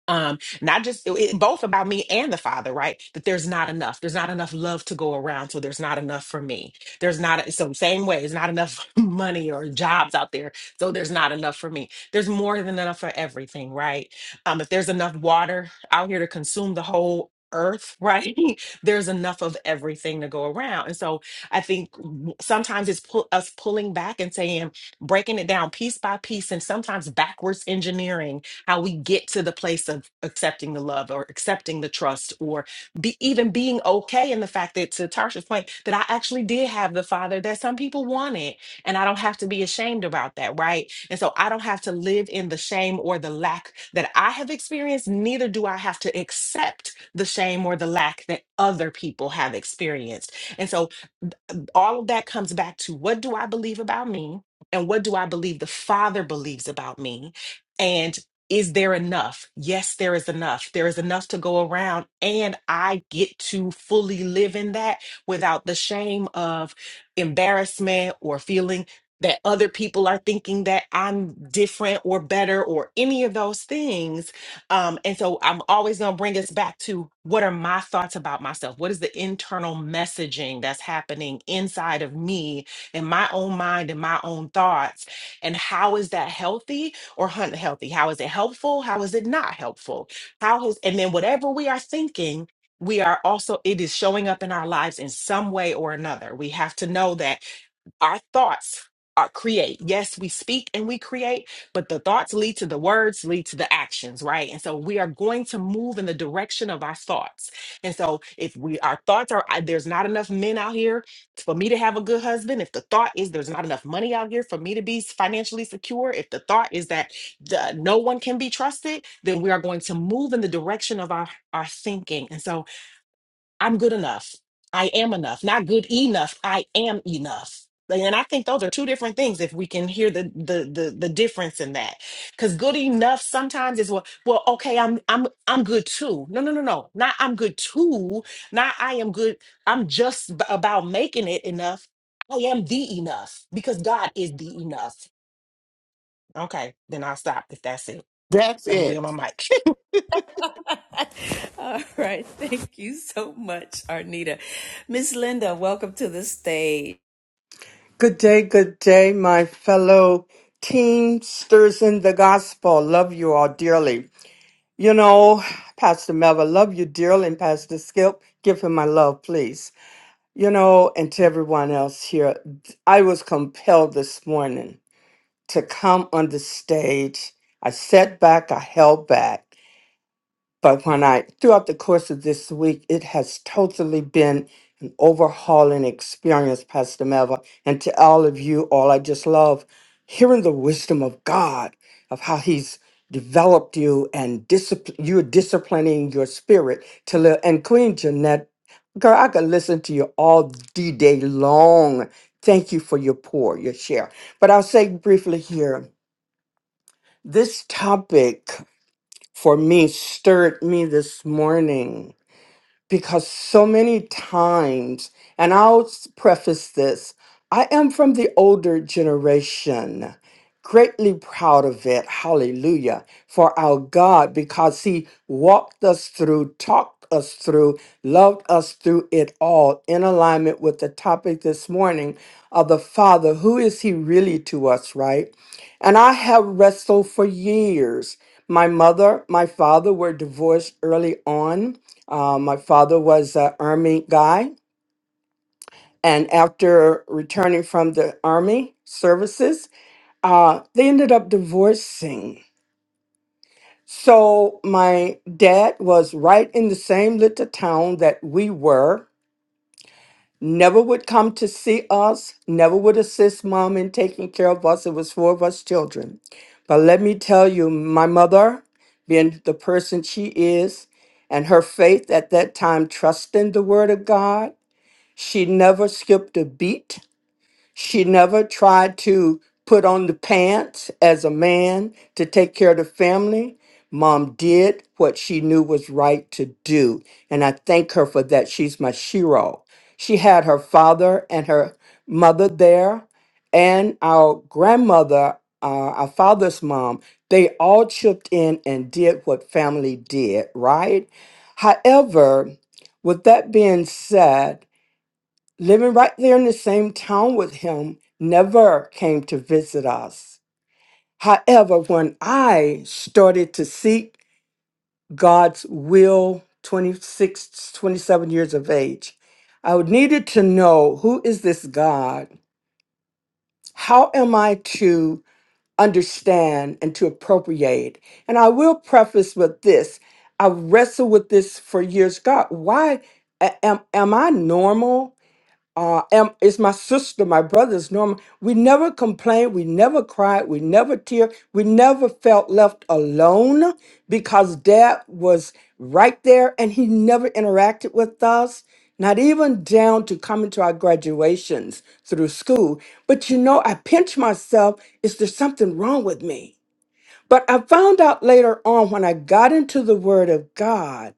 S9: um not just it, it- both about me and the father right that there's not enough there's not enough love to go around so there's not enough for me there's not so same way there's not enough money or jobs out there so there's not enough for me there's more than enough for everything right um if there's enough water out here to consume the whole earth right there's enough of everything to go around and so i think w- sometimes it's pull, us pulling back and saying breaking it down piece by piece and sometimes backwards engineering how we get to the place of accepting the love or accepting the trust or be, even being okay in the fact that to Tarsha's point that I actually did have the father that some people wanted and I don't have to be ashamed about that, right? And so I don't have to live in the shame or the lack that I have experienced, neither do I have to accept the shame or the lack that other people have experienced. And so all of that comes back to what do I believe about me? And what do I believe the Father believes about me? and is there enough? Yes, there is enough. There is enough to go around, and I get to fully live in that without the shame of embarrassment or feeling that other people are thinking that I'm different or better or any of those things. Um, and so I'm always going to bring us back to what are my thoughts about myself? What is the internal messaging that's happening inside of me in my own mind and my own thoughts? And how is that healthy? or hunt healthy? How is it helpful? How is it not helpful? How is and then whatever we are thinking, we are also it is showing up in our lives in some way or another. We have to know that our thoughts are create. Yes, we speak and we create, but the thoughts lead to the words, lead to the actions, right? And so we are going to move in the direction of our thoughts. And so if we our thoughts are I- there's not enough men out here for me to have a good husband, if the thought is there's not enough money out here for me to be financially secure, if the thought is that the, no one can be trusted, then we are going to move in the direction of our our thinking. And so I'm good enough. I am enough. Not good enough. I am enough. And I think those are two different things if we can hear the the the, the difference in that. Cuz good enough sometimes is well, well okay, I'm I'm I'm good too. No, no, no, no. Not I'm good too. Not I am good. I'm just b- about making it enough. I am the enough because God is the enough. Okay, then I'll stop if that's it.
S6: That's
S9: I'm
S6: it.
S9: giving my mic.
S11: Good day, good day, my fellow teamsters in the gospel. Love you all dearly. You know, Pastor Melva, love you dearly, and Pastor Skip, give him my love, please. You know, and to everyone else here, I was compelled this morning to come on the stage. I sat back, I held back but when I, throughout the course of this week, it has totally been an overhauling experience, Pastor Melva. And to all of you all, I just love hearing the wisdom of God, of how He's developed you and discipl- you're disciplining your spirit to live. And Queen Jeanette, girl, I could listen to you all the day long. Thank you for your pour, your share. But I'll say briefly here this topic for me stirred me this morning because so many times, and I'll s- preface this I am from the older generation, greatly proud of it. Hallelujah. For our God, because He walked us through, talked us through, loved us through it all in alignment with the topic this morning of the Father. Who is He really to us, right? And I have wrestled for years. My mother, my father were divorced early on uh, my father was an Army guy. And after returning from the Army services, uh, they ended up divorcing. So my dad was right in the same little town that we were. Never would come to see us, never would assist mom in taking care of us. It was four of us children. But let me tell you, my mother, being the person she is, and her faith at that time, trusting the word of God. She never skipped a beat. She never tried to put on the pants as a man to take care of the family. Mom did what she knew was right to do. And I thank her for that. She's my shiro. She had her father and her mother there, and our grandmother, uh, our father's mom. They all chipped in and did what family did, right? However, with that being said, living right there in the same town with him, never came to visit us. However, when I started to seek God's will, 26, 27 years of age, I needed to know who is this God? How am I to understand and to appropriate? And I will preface with this. I wrestled with this for years. God, why a- am, am I normal? uh, am, it's my sister, my brother, it's normal. We never complained, we never cried, we never tear, we never felt left alone because dad was right there and he never interacted with us, not even down to coming to our graduations through school. But you know, I pinch myself, is there something wrong with me? But I found out later on when I got into the Word of God,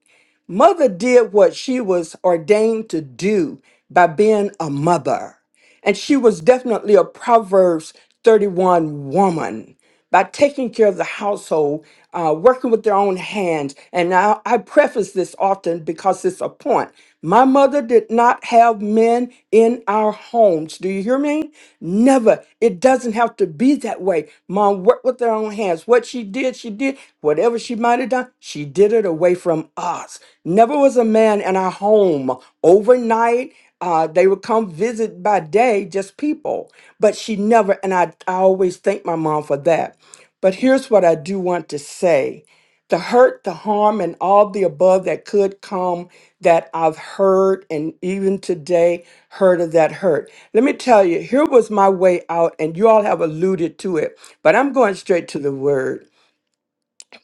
S11: Mother did what she was ordained to do by being a mother. And she was definitely a Proverbs 31 woman by taking care of the household, uh, working with their own hands. And now I preface this often because it's a point. My mother did not have men in our homes. Do you hear me? Never. It doesn't have to be that way. Mom worked with her own hands. What she did, she did. Whatever she might have done, she did it away from us. Never was a man in our home overnight. Uh, they would come visit by day, just people. But she never, and I, I always thank my mom for that. But here's what I do want to say the hurt, the harm, and all the above that could come that I've heard, and even today, heard of that hurt. Let me tell you, here was my way out, and you all have alluded to it, but I'm going straight to the word.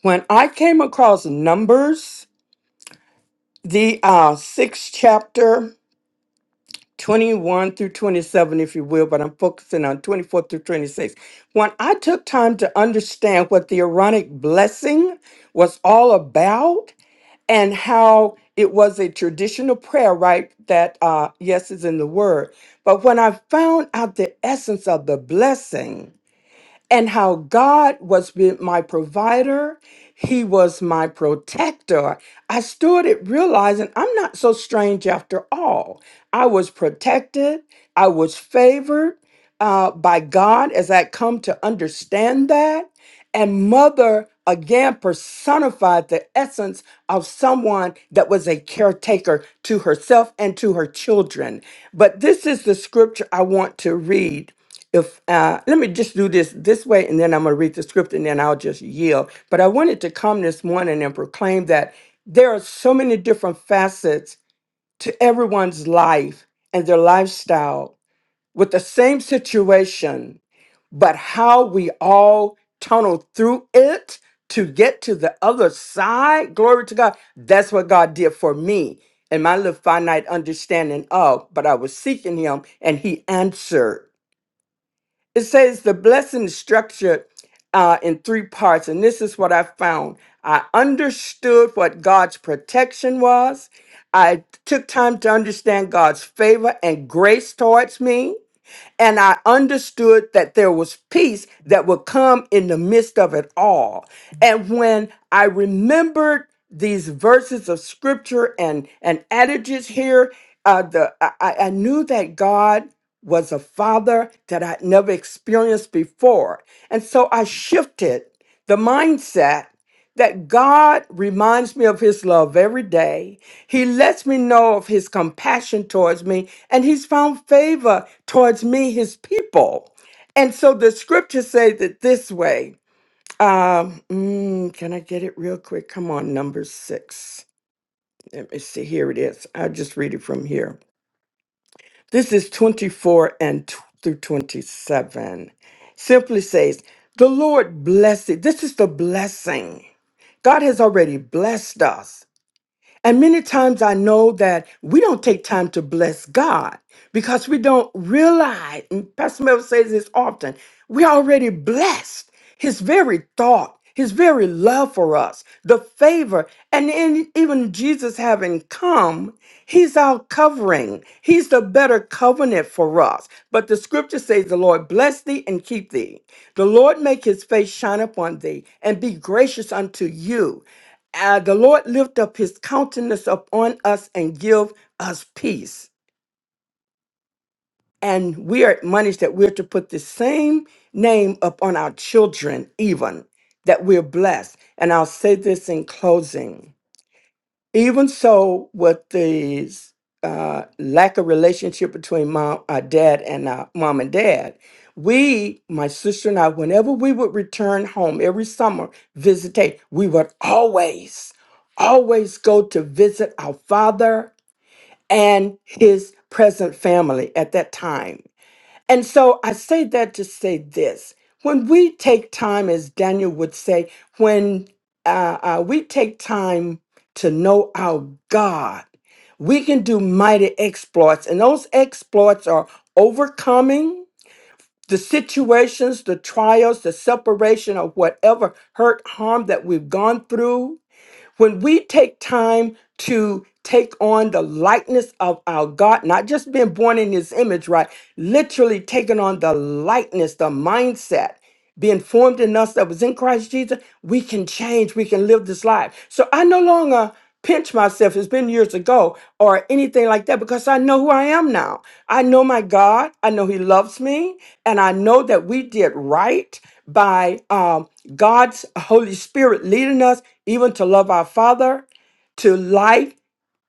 S11: When I came across Numbers, the uh, sixth chapter, 21 through 27, if you will, but I'm focusing on 24 through 26. When I took time to understand what the Aaronic blessing was all about and how it was a traditional prayer, right? That, uh, yes, is in the word. But when I found out the essence of the blessing, and how God was be- my provider. He was my protector. I stood it realizing I'm not so strange after all. I was protected, I was favored uh, by God as I come to understand that. And mother again personified the essence of someone that was a caretaker to herself and to her children. But this is the scripture I want to read if uh, let me just do this this way and then i'm going to read the script and then i'll just yield but i wanted to come this morning and proclaim that there are so many different facets to everyone's life and their lifestyle with the same situation but how we all tunnel through it to get to the other side glory to god that's what god did for me and my little finite understanding of but i was seeking him and he answered it says the blessing is structured uh, in three parts, and this is what I found. I understood what God's protection was. I took time to understand God's favor and grace towards me. And I understood that there was peace that would come in the midst of it all. And when I remembered these verses of scripture and, and adages here, uh, the, I, I I knew that God was a father that I'd never experienced before. And so I shifted the mindset that God reminds me of his love every day. He lets me know of his compassion towards me, and he's found favor towards me, his people. And so the scripture says it this way. Um, mm, can I get it real quick? Come on, number six. Let me see. Here it is. I'll just read it from here. This is 24 and t- through 27. Simply says, The Lord bless it. This is the blessing. God has already blessed us. And many times I know that we don't take time to bless God because we don't realize, and Pastor Mel says this often, we already blessed his very thought, his very love for us, the favor. And in, even Jesus having come, he's our covering. He's the better covenant for us. But the scripture says, The Lord bless thee and keep thee. The Lord make his face shine upon thee and be gracious unto you uh, the Lord lift up his countenance upon us and give us peace. And we are admonished that we're to put the same name upon our children, even that we're blessed. And I'll say this in closing even so, with the uh, lack of relationship between mom, our dad, and our mom and dad, we, my sister and I, whenever we would return home every summer, visitate, we would always, always go to visit our father and his present family at that time. And so I say that to say this when we take time, as Daniel would say, when uh, uh, we take time to know our God, we can do mighty exploits. And those exploits are overcoming the situations, the trials, the separation, or whatever hurt, harm that we've gone through when we take time to take on the likeness of our God, not just being born in his image, right? Literally taking on the likeness, the mindset being formed in us that was in Christ Jesus, we can change. We can live this life. So I no longer pinch myself. It's been years ago or anything like that because I know who I am now. I know my God. I know He loves me. And I know that we did right by um, God's Holy Spirit leading us even to love our Father, to life.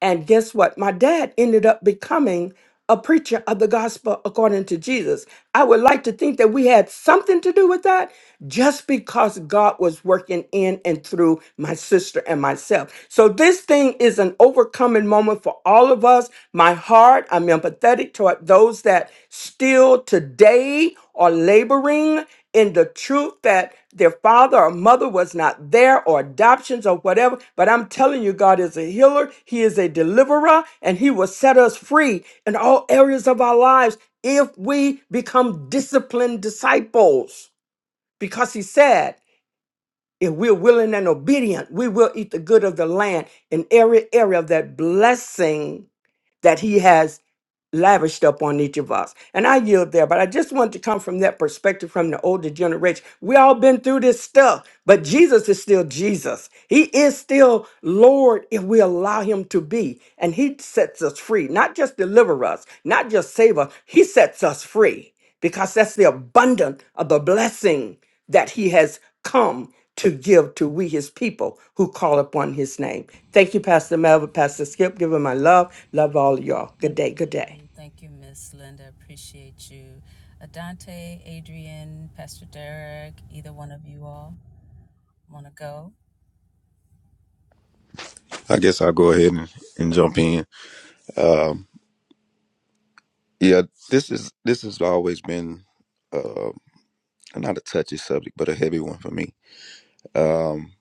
S11: And guess what? My dad ended up becoming a preacher of the gospel according to Jesus. I would like to think that we had something to do with that just because God was working in and through my sister and myself. So this thing is an overcoming moment for all of us. My heart, I'm empathetic toward those that still today are laboring in the truth that their father or mother was not there or adoptions or whatever. But I'm telling you, God is a healer, He is a deliverer, and He will set us free in all areas of our lives if we become disciplined disciples. Because He said, if we're willing and obedient, we will eat the good of the land in every area of that blessing that He has lavished up on each of us. And I yield there, but I just wanted to come from that perspective from the older generation. We all been through this stuff, but Jesus is still Jesus. He is still Lord if we allow him to be. And he sets us free, not just deliver us, not just save us. He sets us free because that's the abundance of the blessing that he has come to give to we his people who call upon his name. Thank you, Pastor Melvin, Pastor Skip. Give him my love. Love all of y'all. Good day. Good day.
S5: I guess I'll go ahead and, and jump in. Um, yeah, this is this has always been uh, not a touchy subject, but a heavy one for me. Um,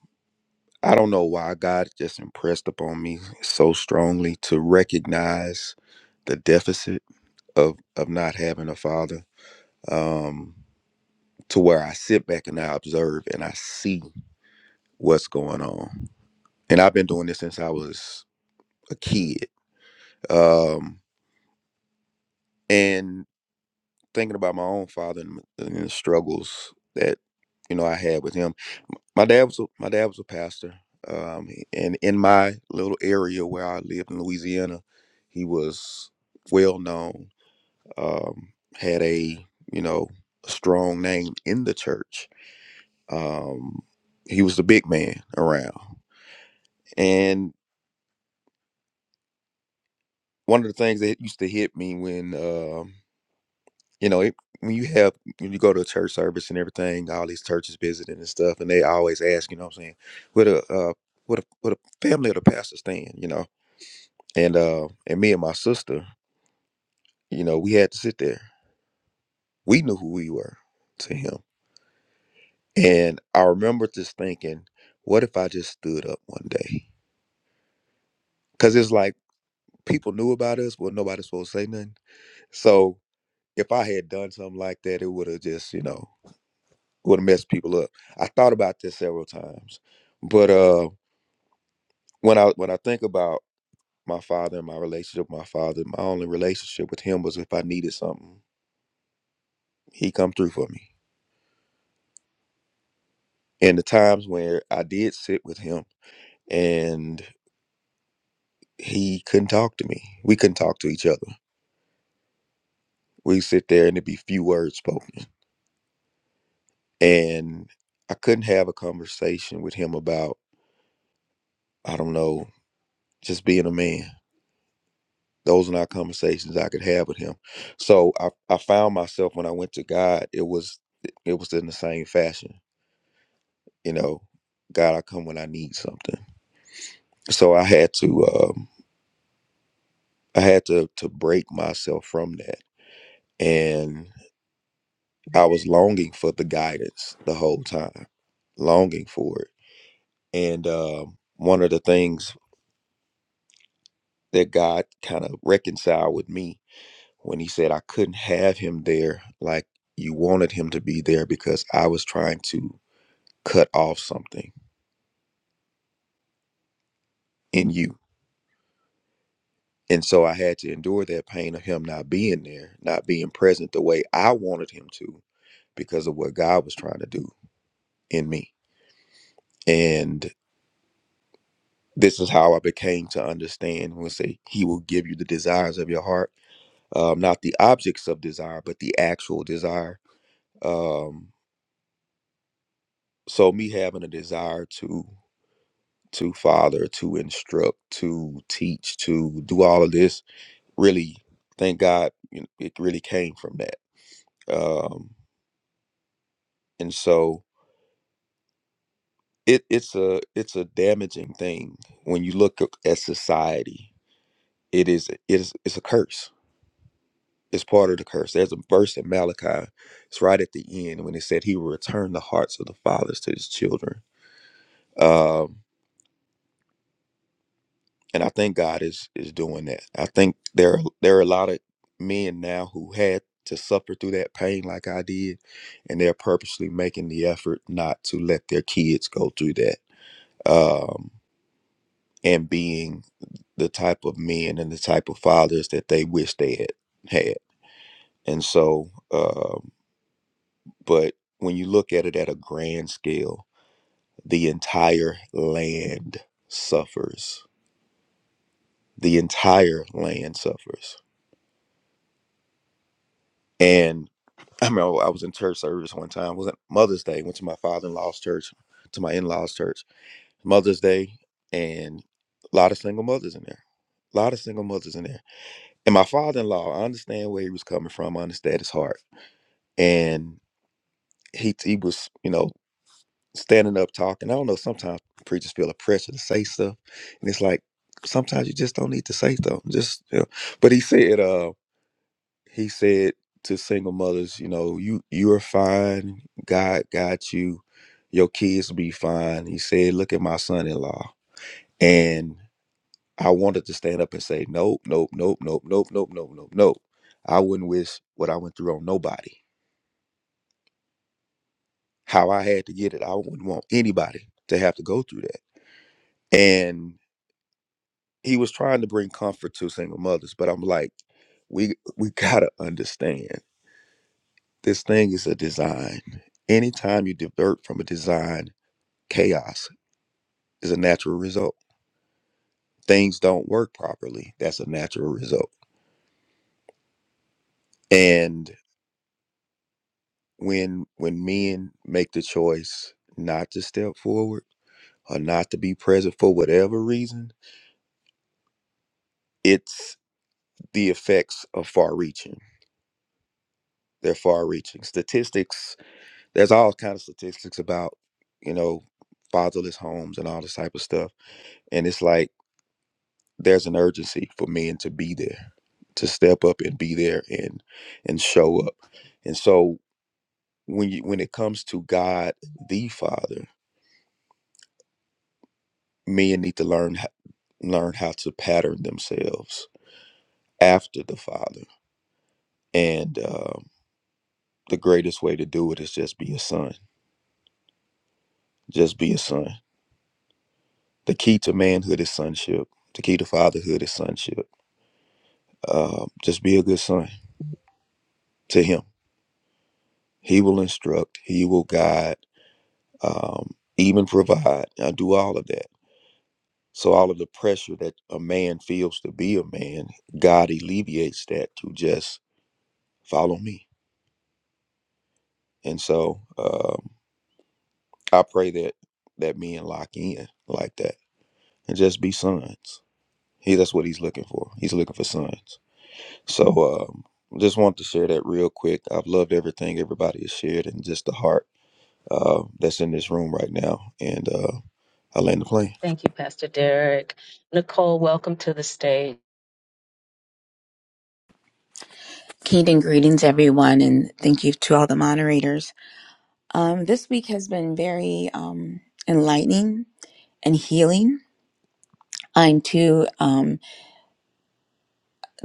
S5: I don't know why God just impressed upon me so strongly to recognize the deficit of of not having a father. Um, to where I sit back and I observe and I see what's going on. And I've been doing this since I was a kid. Um, and thinking about my own father and, and the struggles that you know I had with him. My dad was a, my dad was a pastor, um, and in my little area where I lived in Louisiana, he was well known. Um, had a you know a strong name in the church. Um, he was the big man around And one of the things that used to hit me when, um, you know, it, when you have when you go to a church service and everything, all these churches visiting and stuff, and they always ask, you know, what I'm saying, what a uh, what a what a family of the pastor stand, you know, and uh, and me and my sister, you know, we had to sit there. We knew who we were to him, and I remember just thinking, what if I just stood up one day? Because it's like people knew about us, but nobody's supposed to say nothing. So if I had done something like that, it would have just, you know. who to mess people up. I thought about this several times, but uh, when I when I think about my father and my relationship with my father, my only relationship with him was if I needed something, he come through for me. And the times where I did sit with him and he couldn't talk to me, we couldn't talk to each other. We sit there and it'd be few words spoken, and I couldn't have a conversation with him about I don't know just being a man Those are not conversations I could have with him. So I, I found myself when I went to God, it was it was in the same fashion. You know, God, I come when I need something. So I had to um, I had to to break myself from that, and I was longing for the guidance the whole time, longing for it. And um, one of the things that God kind of reconciled with me when he said I couldn't have him there like you wanted him to be there because I was trying to cut off something in you. And so I had to endure that pain of him not being there, not being present the way I wanted him to because of what God was trying to do in me. And this is how I became to understand when we say he will give you the desires of your heart, um, not the objects of desire, but the actual desire. Um, so me having a desire to to father, to instruct, to teach, to do all of this. Really, thank God, you know, it really came from that. Um, and so it, it's a it's a damaging thing when you look at at society. It is it is it's a curse. It's part of the curse. There's a verse in Malachi. It's right at the end when it said he will return the hearts of the fathers to his children. Um, and I think God is is doing that. I think there there are a lot of men now who had to suffer through that pain like I did, and they're purposely making the effort not to let their kids go through that. Um, and being the type of men and the type of fathers that they wish they had had. And so, um, but when you look at it at a grand scale, the entire land suffers. The entire land suffers and. I remember I was in church service one time. It was at Mother's Day. Went to my father-in-law's church, to my in-laws' church. Mother's Day, and a lot of single mothers in there. A lot of single mothers in there. And my father-in-law, I understand where he was coming from. I understand his heart. And he he was, you know, standing up talking. I don't know. Sometimes preachers feel a pressure to say stuff, and it's like sometimes you just don't need to say stuff. Just, you know. but he said, uh. he said to single mothers, you know, you you're fine. God got you. Your kids will be fine. He said, look at my son-in-law. And I wanted to stand up and say, nope, nope, nope, nope, nope, nope, nope, nope, nope. I wouldn't wish what I went through on nobody. How I had to get it, I wouldn't want anybody to have to go through that. And he was trying to bring comfort to single mothers, but I'm like, we we gotta understand. This thing is a design. Anytime you divert from a design, chaos is a natural result. Things don't work properly. That's a natural result. And when when men make the choice not to step forward or not to be present for whatever reason, it's the effects are far reaching. They're far reaching. Statistics, there's all kind of statistics about, you know, fatherless homes and all this type of stuff. And it's like there's an urgency for men to be there to step up and be there and and show up and so when you when it comes to god the father men need to learn h- learn how to pattern themselves after the father and um, the greatest way to do it is just be a son just be a son the key to manhood is sonship the key to fatherhood is sonship um, just be a good son to him he will instruct he will guide um, even provide, uh, do all of that. So all of the pressure that a man feels to be a man, God alleviates that to just follow me. And so um, I pray that that men lock in like that and just be sons. He that's what he's looking for. He's looking for sons. So um, just want to share that real quick. I've loved everything everybody has shared and just the heart uh, that's in this room right now. And uh, I land the plane.
S12: Kingdom greetings, everyone, and thank you to all the moderators. Um, this week has been very um, enlightening and healing. I too um,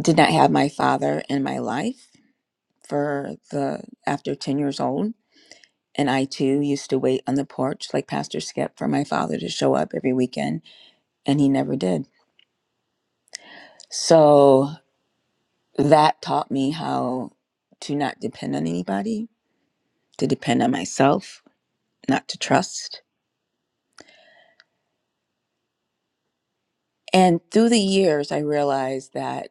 S12: did not have my father in my life for the after ten years old, and I too used to wait on the porch like Pastor Skip for my father to show up every weekend, and he never did. So that taught me how to not depend on anybody, to depend on myself, not to trust And through the years, I realized that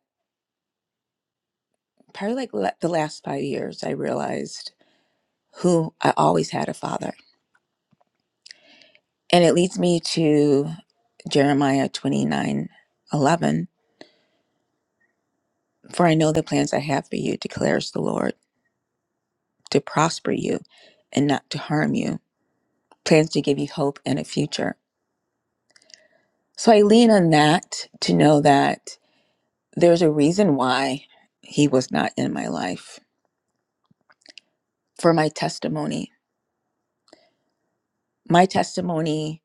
S12: probably like la- the last five years, I realized who I always had a father. And it leads me to Jeremiah 29 11. For I know the plans I have for you, declares the Lord, to prosper you and not to harm you, plans to give you hope and a future. So I lean on that to know that there's a reason why he was not in my life for my testimony. My testimony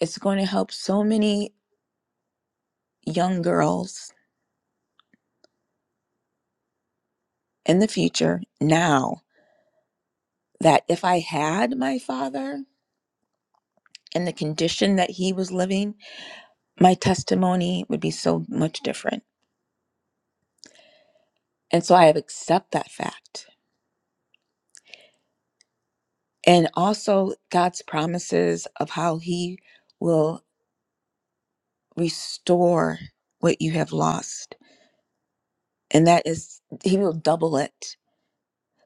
S12: It's going to help so many young girls in the future now that if I had my father and the condition that he was living, my testimony would be so much different. And so I have accept that fact. And also God's promises of how he will restore what you have lost. And that is he will double it.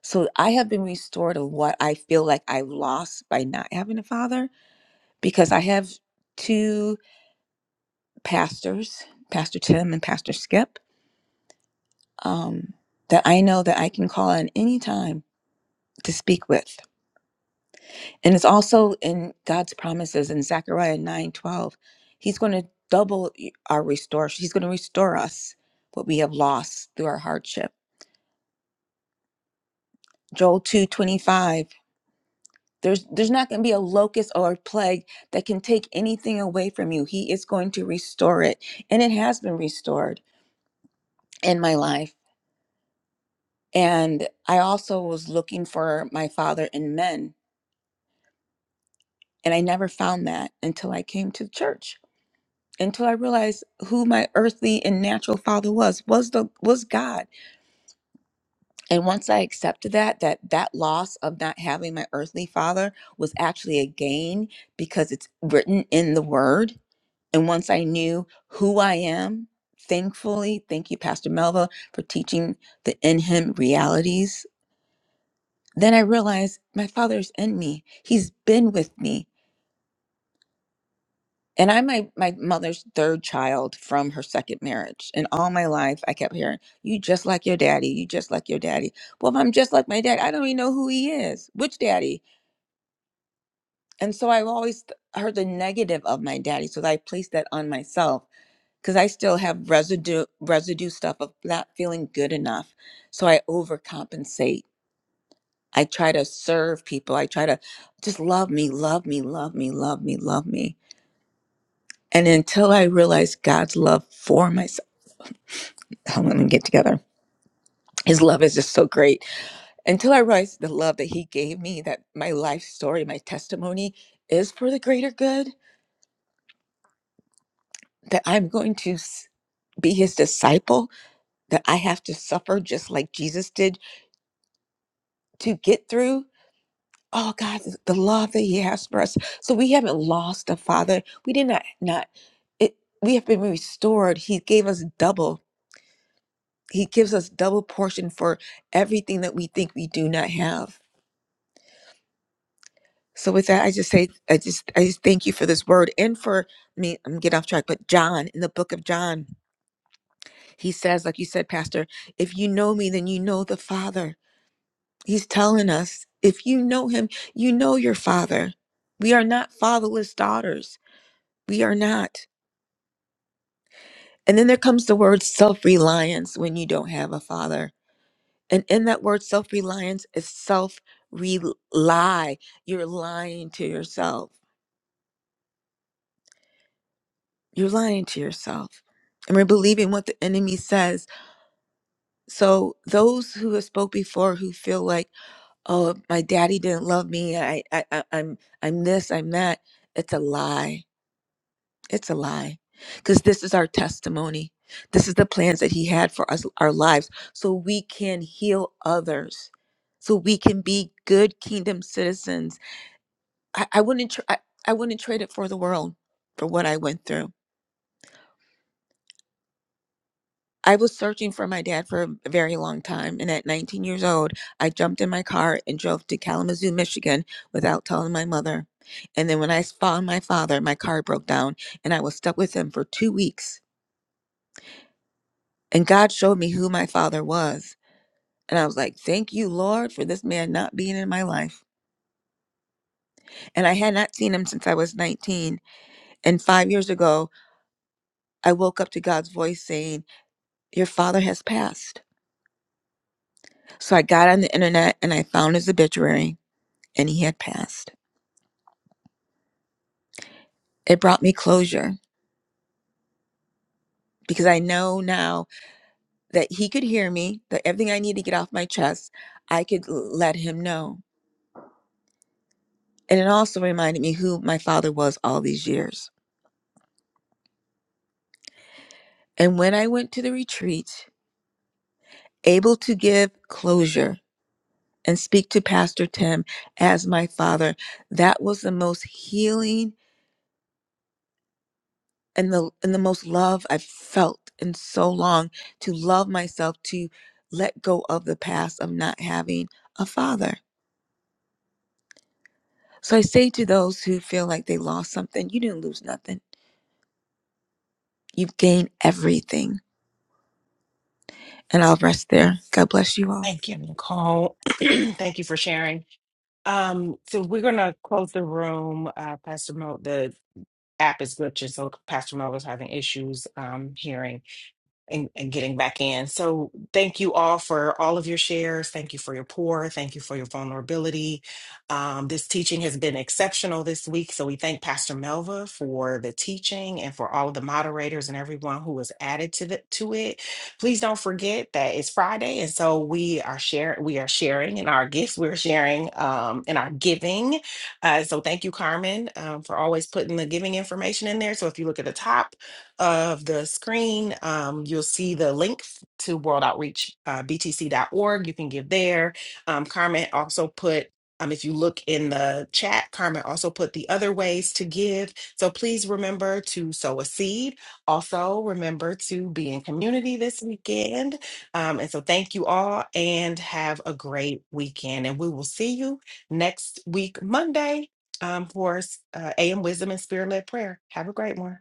S12: So I have been restored of what I feel like I've lost by not having a father because I have two pastors, Pastor Tim and Pastor Skip, um, that I know that I can call on any time to speak with. And it's also in God's promises in Zechariah nine twelve. He's going to double our restore. He's going to restore us what we have lost through our hardship. Joel two twenty five. There's, there's not going to be a locust or a plague that can take anything away from you. He is going to restore it. And it has been restored in my life. And I also was looking for my father in men, and I never found that until I came to church. Until I realized who my earthly and natural father was was the was God. And once I accepted that that that loss of not having my earthly father was actually a gain because it's written in the word. And once I knew who I am, thankfully, thank you Pastor Melva for teaching the in him realities Then I realized my father's in me. He's been with me. And I'm my, my mother's third child from her second marriage. And all my life, I kept hearing, You just like your daddy. You just like your daddy. Well, if I'm just like my dad, I don't even know who he is. Which daddy? And so I've always th- heard the negative of my daddy. So I placed that on myself because I still have residue, residue stuff of not feeling good enough. So I overcompensate I try to serve people. I try to just love me, love me, love me, love me, love me. And until I realize God's love for myself, oh, let me get together. His love is just so great. Until I realize the love that He gave me, that my life story, my testimony is for the greater good, that I'm going to s- be His disciple, that I have to suffer just like Jesus did to get through. Oh God, the the love that He has for us. So we haven't lost a Father. We did not not it we have been restored. He gave us double. He gives us double portion for everything that we think we do not have. So with that, I just say I just I just thank you for this word and for me. I'm getting off track, but John in the book of John, he says, like you said, Pastor, if you know me, then you know the Father. He's telling us, if you know him, you know your father. We are not fatherless daughters We are not. And then there comes the word self reliance when you don't have a father. And in that word self reliance is self rely. You're lying to yourself. You're lying to yourself. And we're believing what the enemy says. So those who have spoke before who feel like, oh, my daddy didn't love me. I, I, I I'm I'm this, I'm that. It's a lie. It's a lie. Because this is our testimony. This is the plans that He had for us, our lives, so we can heal others, so we can be good kingdom citizens. I, I wouldn't, tr- I, I wouldn't trade it for the world, for what I went through. I was searching for my dad for a very long time, and at 19 years old, I jumped in my car and drove to Kalamazoo, Michigan, without telling my mother. And then when I found my father, my car broke down, and I was stuck with him for two weeks. And God showed me who my father was. And I was like, thank you, Lord, for this man not being in my life. And I had not seen him since I was 19. And five years ago, I woke up to God's voice saying, Your father has passed. So I got on the internet and I found his obituary, and he had passed. It brought me closure because I know now that he could hear me, that everything I need to get off my chest, I could l- let him know. And it also reminded me who my father was all these years. And when I went to the retreat, able to give closure and speak to Pastor Tim as my father. That was the most healing and the and the most love I've felt in so long to love myself, to let go of the past of not having a father. So I say to those who feel like they lost something, you didn't lose nothing. You've gained everything. And I'll rest there. God bless you all.
S9: Thank you, Nicole. Thank you for sharing. Um, so we're gonna close the room. Uh, Pastor Mo, the app is glitching, so Pastor Mo was having issues um hearing and, and getting back in. So thank you all for all of your shares. Thank you for your pour. Thank you for your vulnerability. Um, this teaching has been exceptional this week. So we thank Pastor Melva for the teaching and for all of the moderators and everyone who was added to the to it. Please don't forget that it's Friday. And so we are share we are sharing in our gifts. We're sharing um in our giving. Uh, so thank you, Carmen, um, for always putting the giving information in there. So if you look at the top, of the screen, um, you'll see the link f- to World Outreach uh, B T C dot org. You can give there. Um, Carmen also put. Um, if you look in the chat, Carmen also put the other ways to give. So please remember to sow a seed. Also, remember to be in community this weekend. Um, and so, thank you all and have a great weekend. And we will see you next week, Monday, um, for uh, AM Wisdom and Spirit Led Prayer. Have a great one.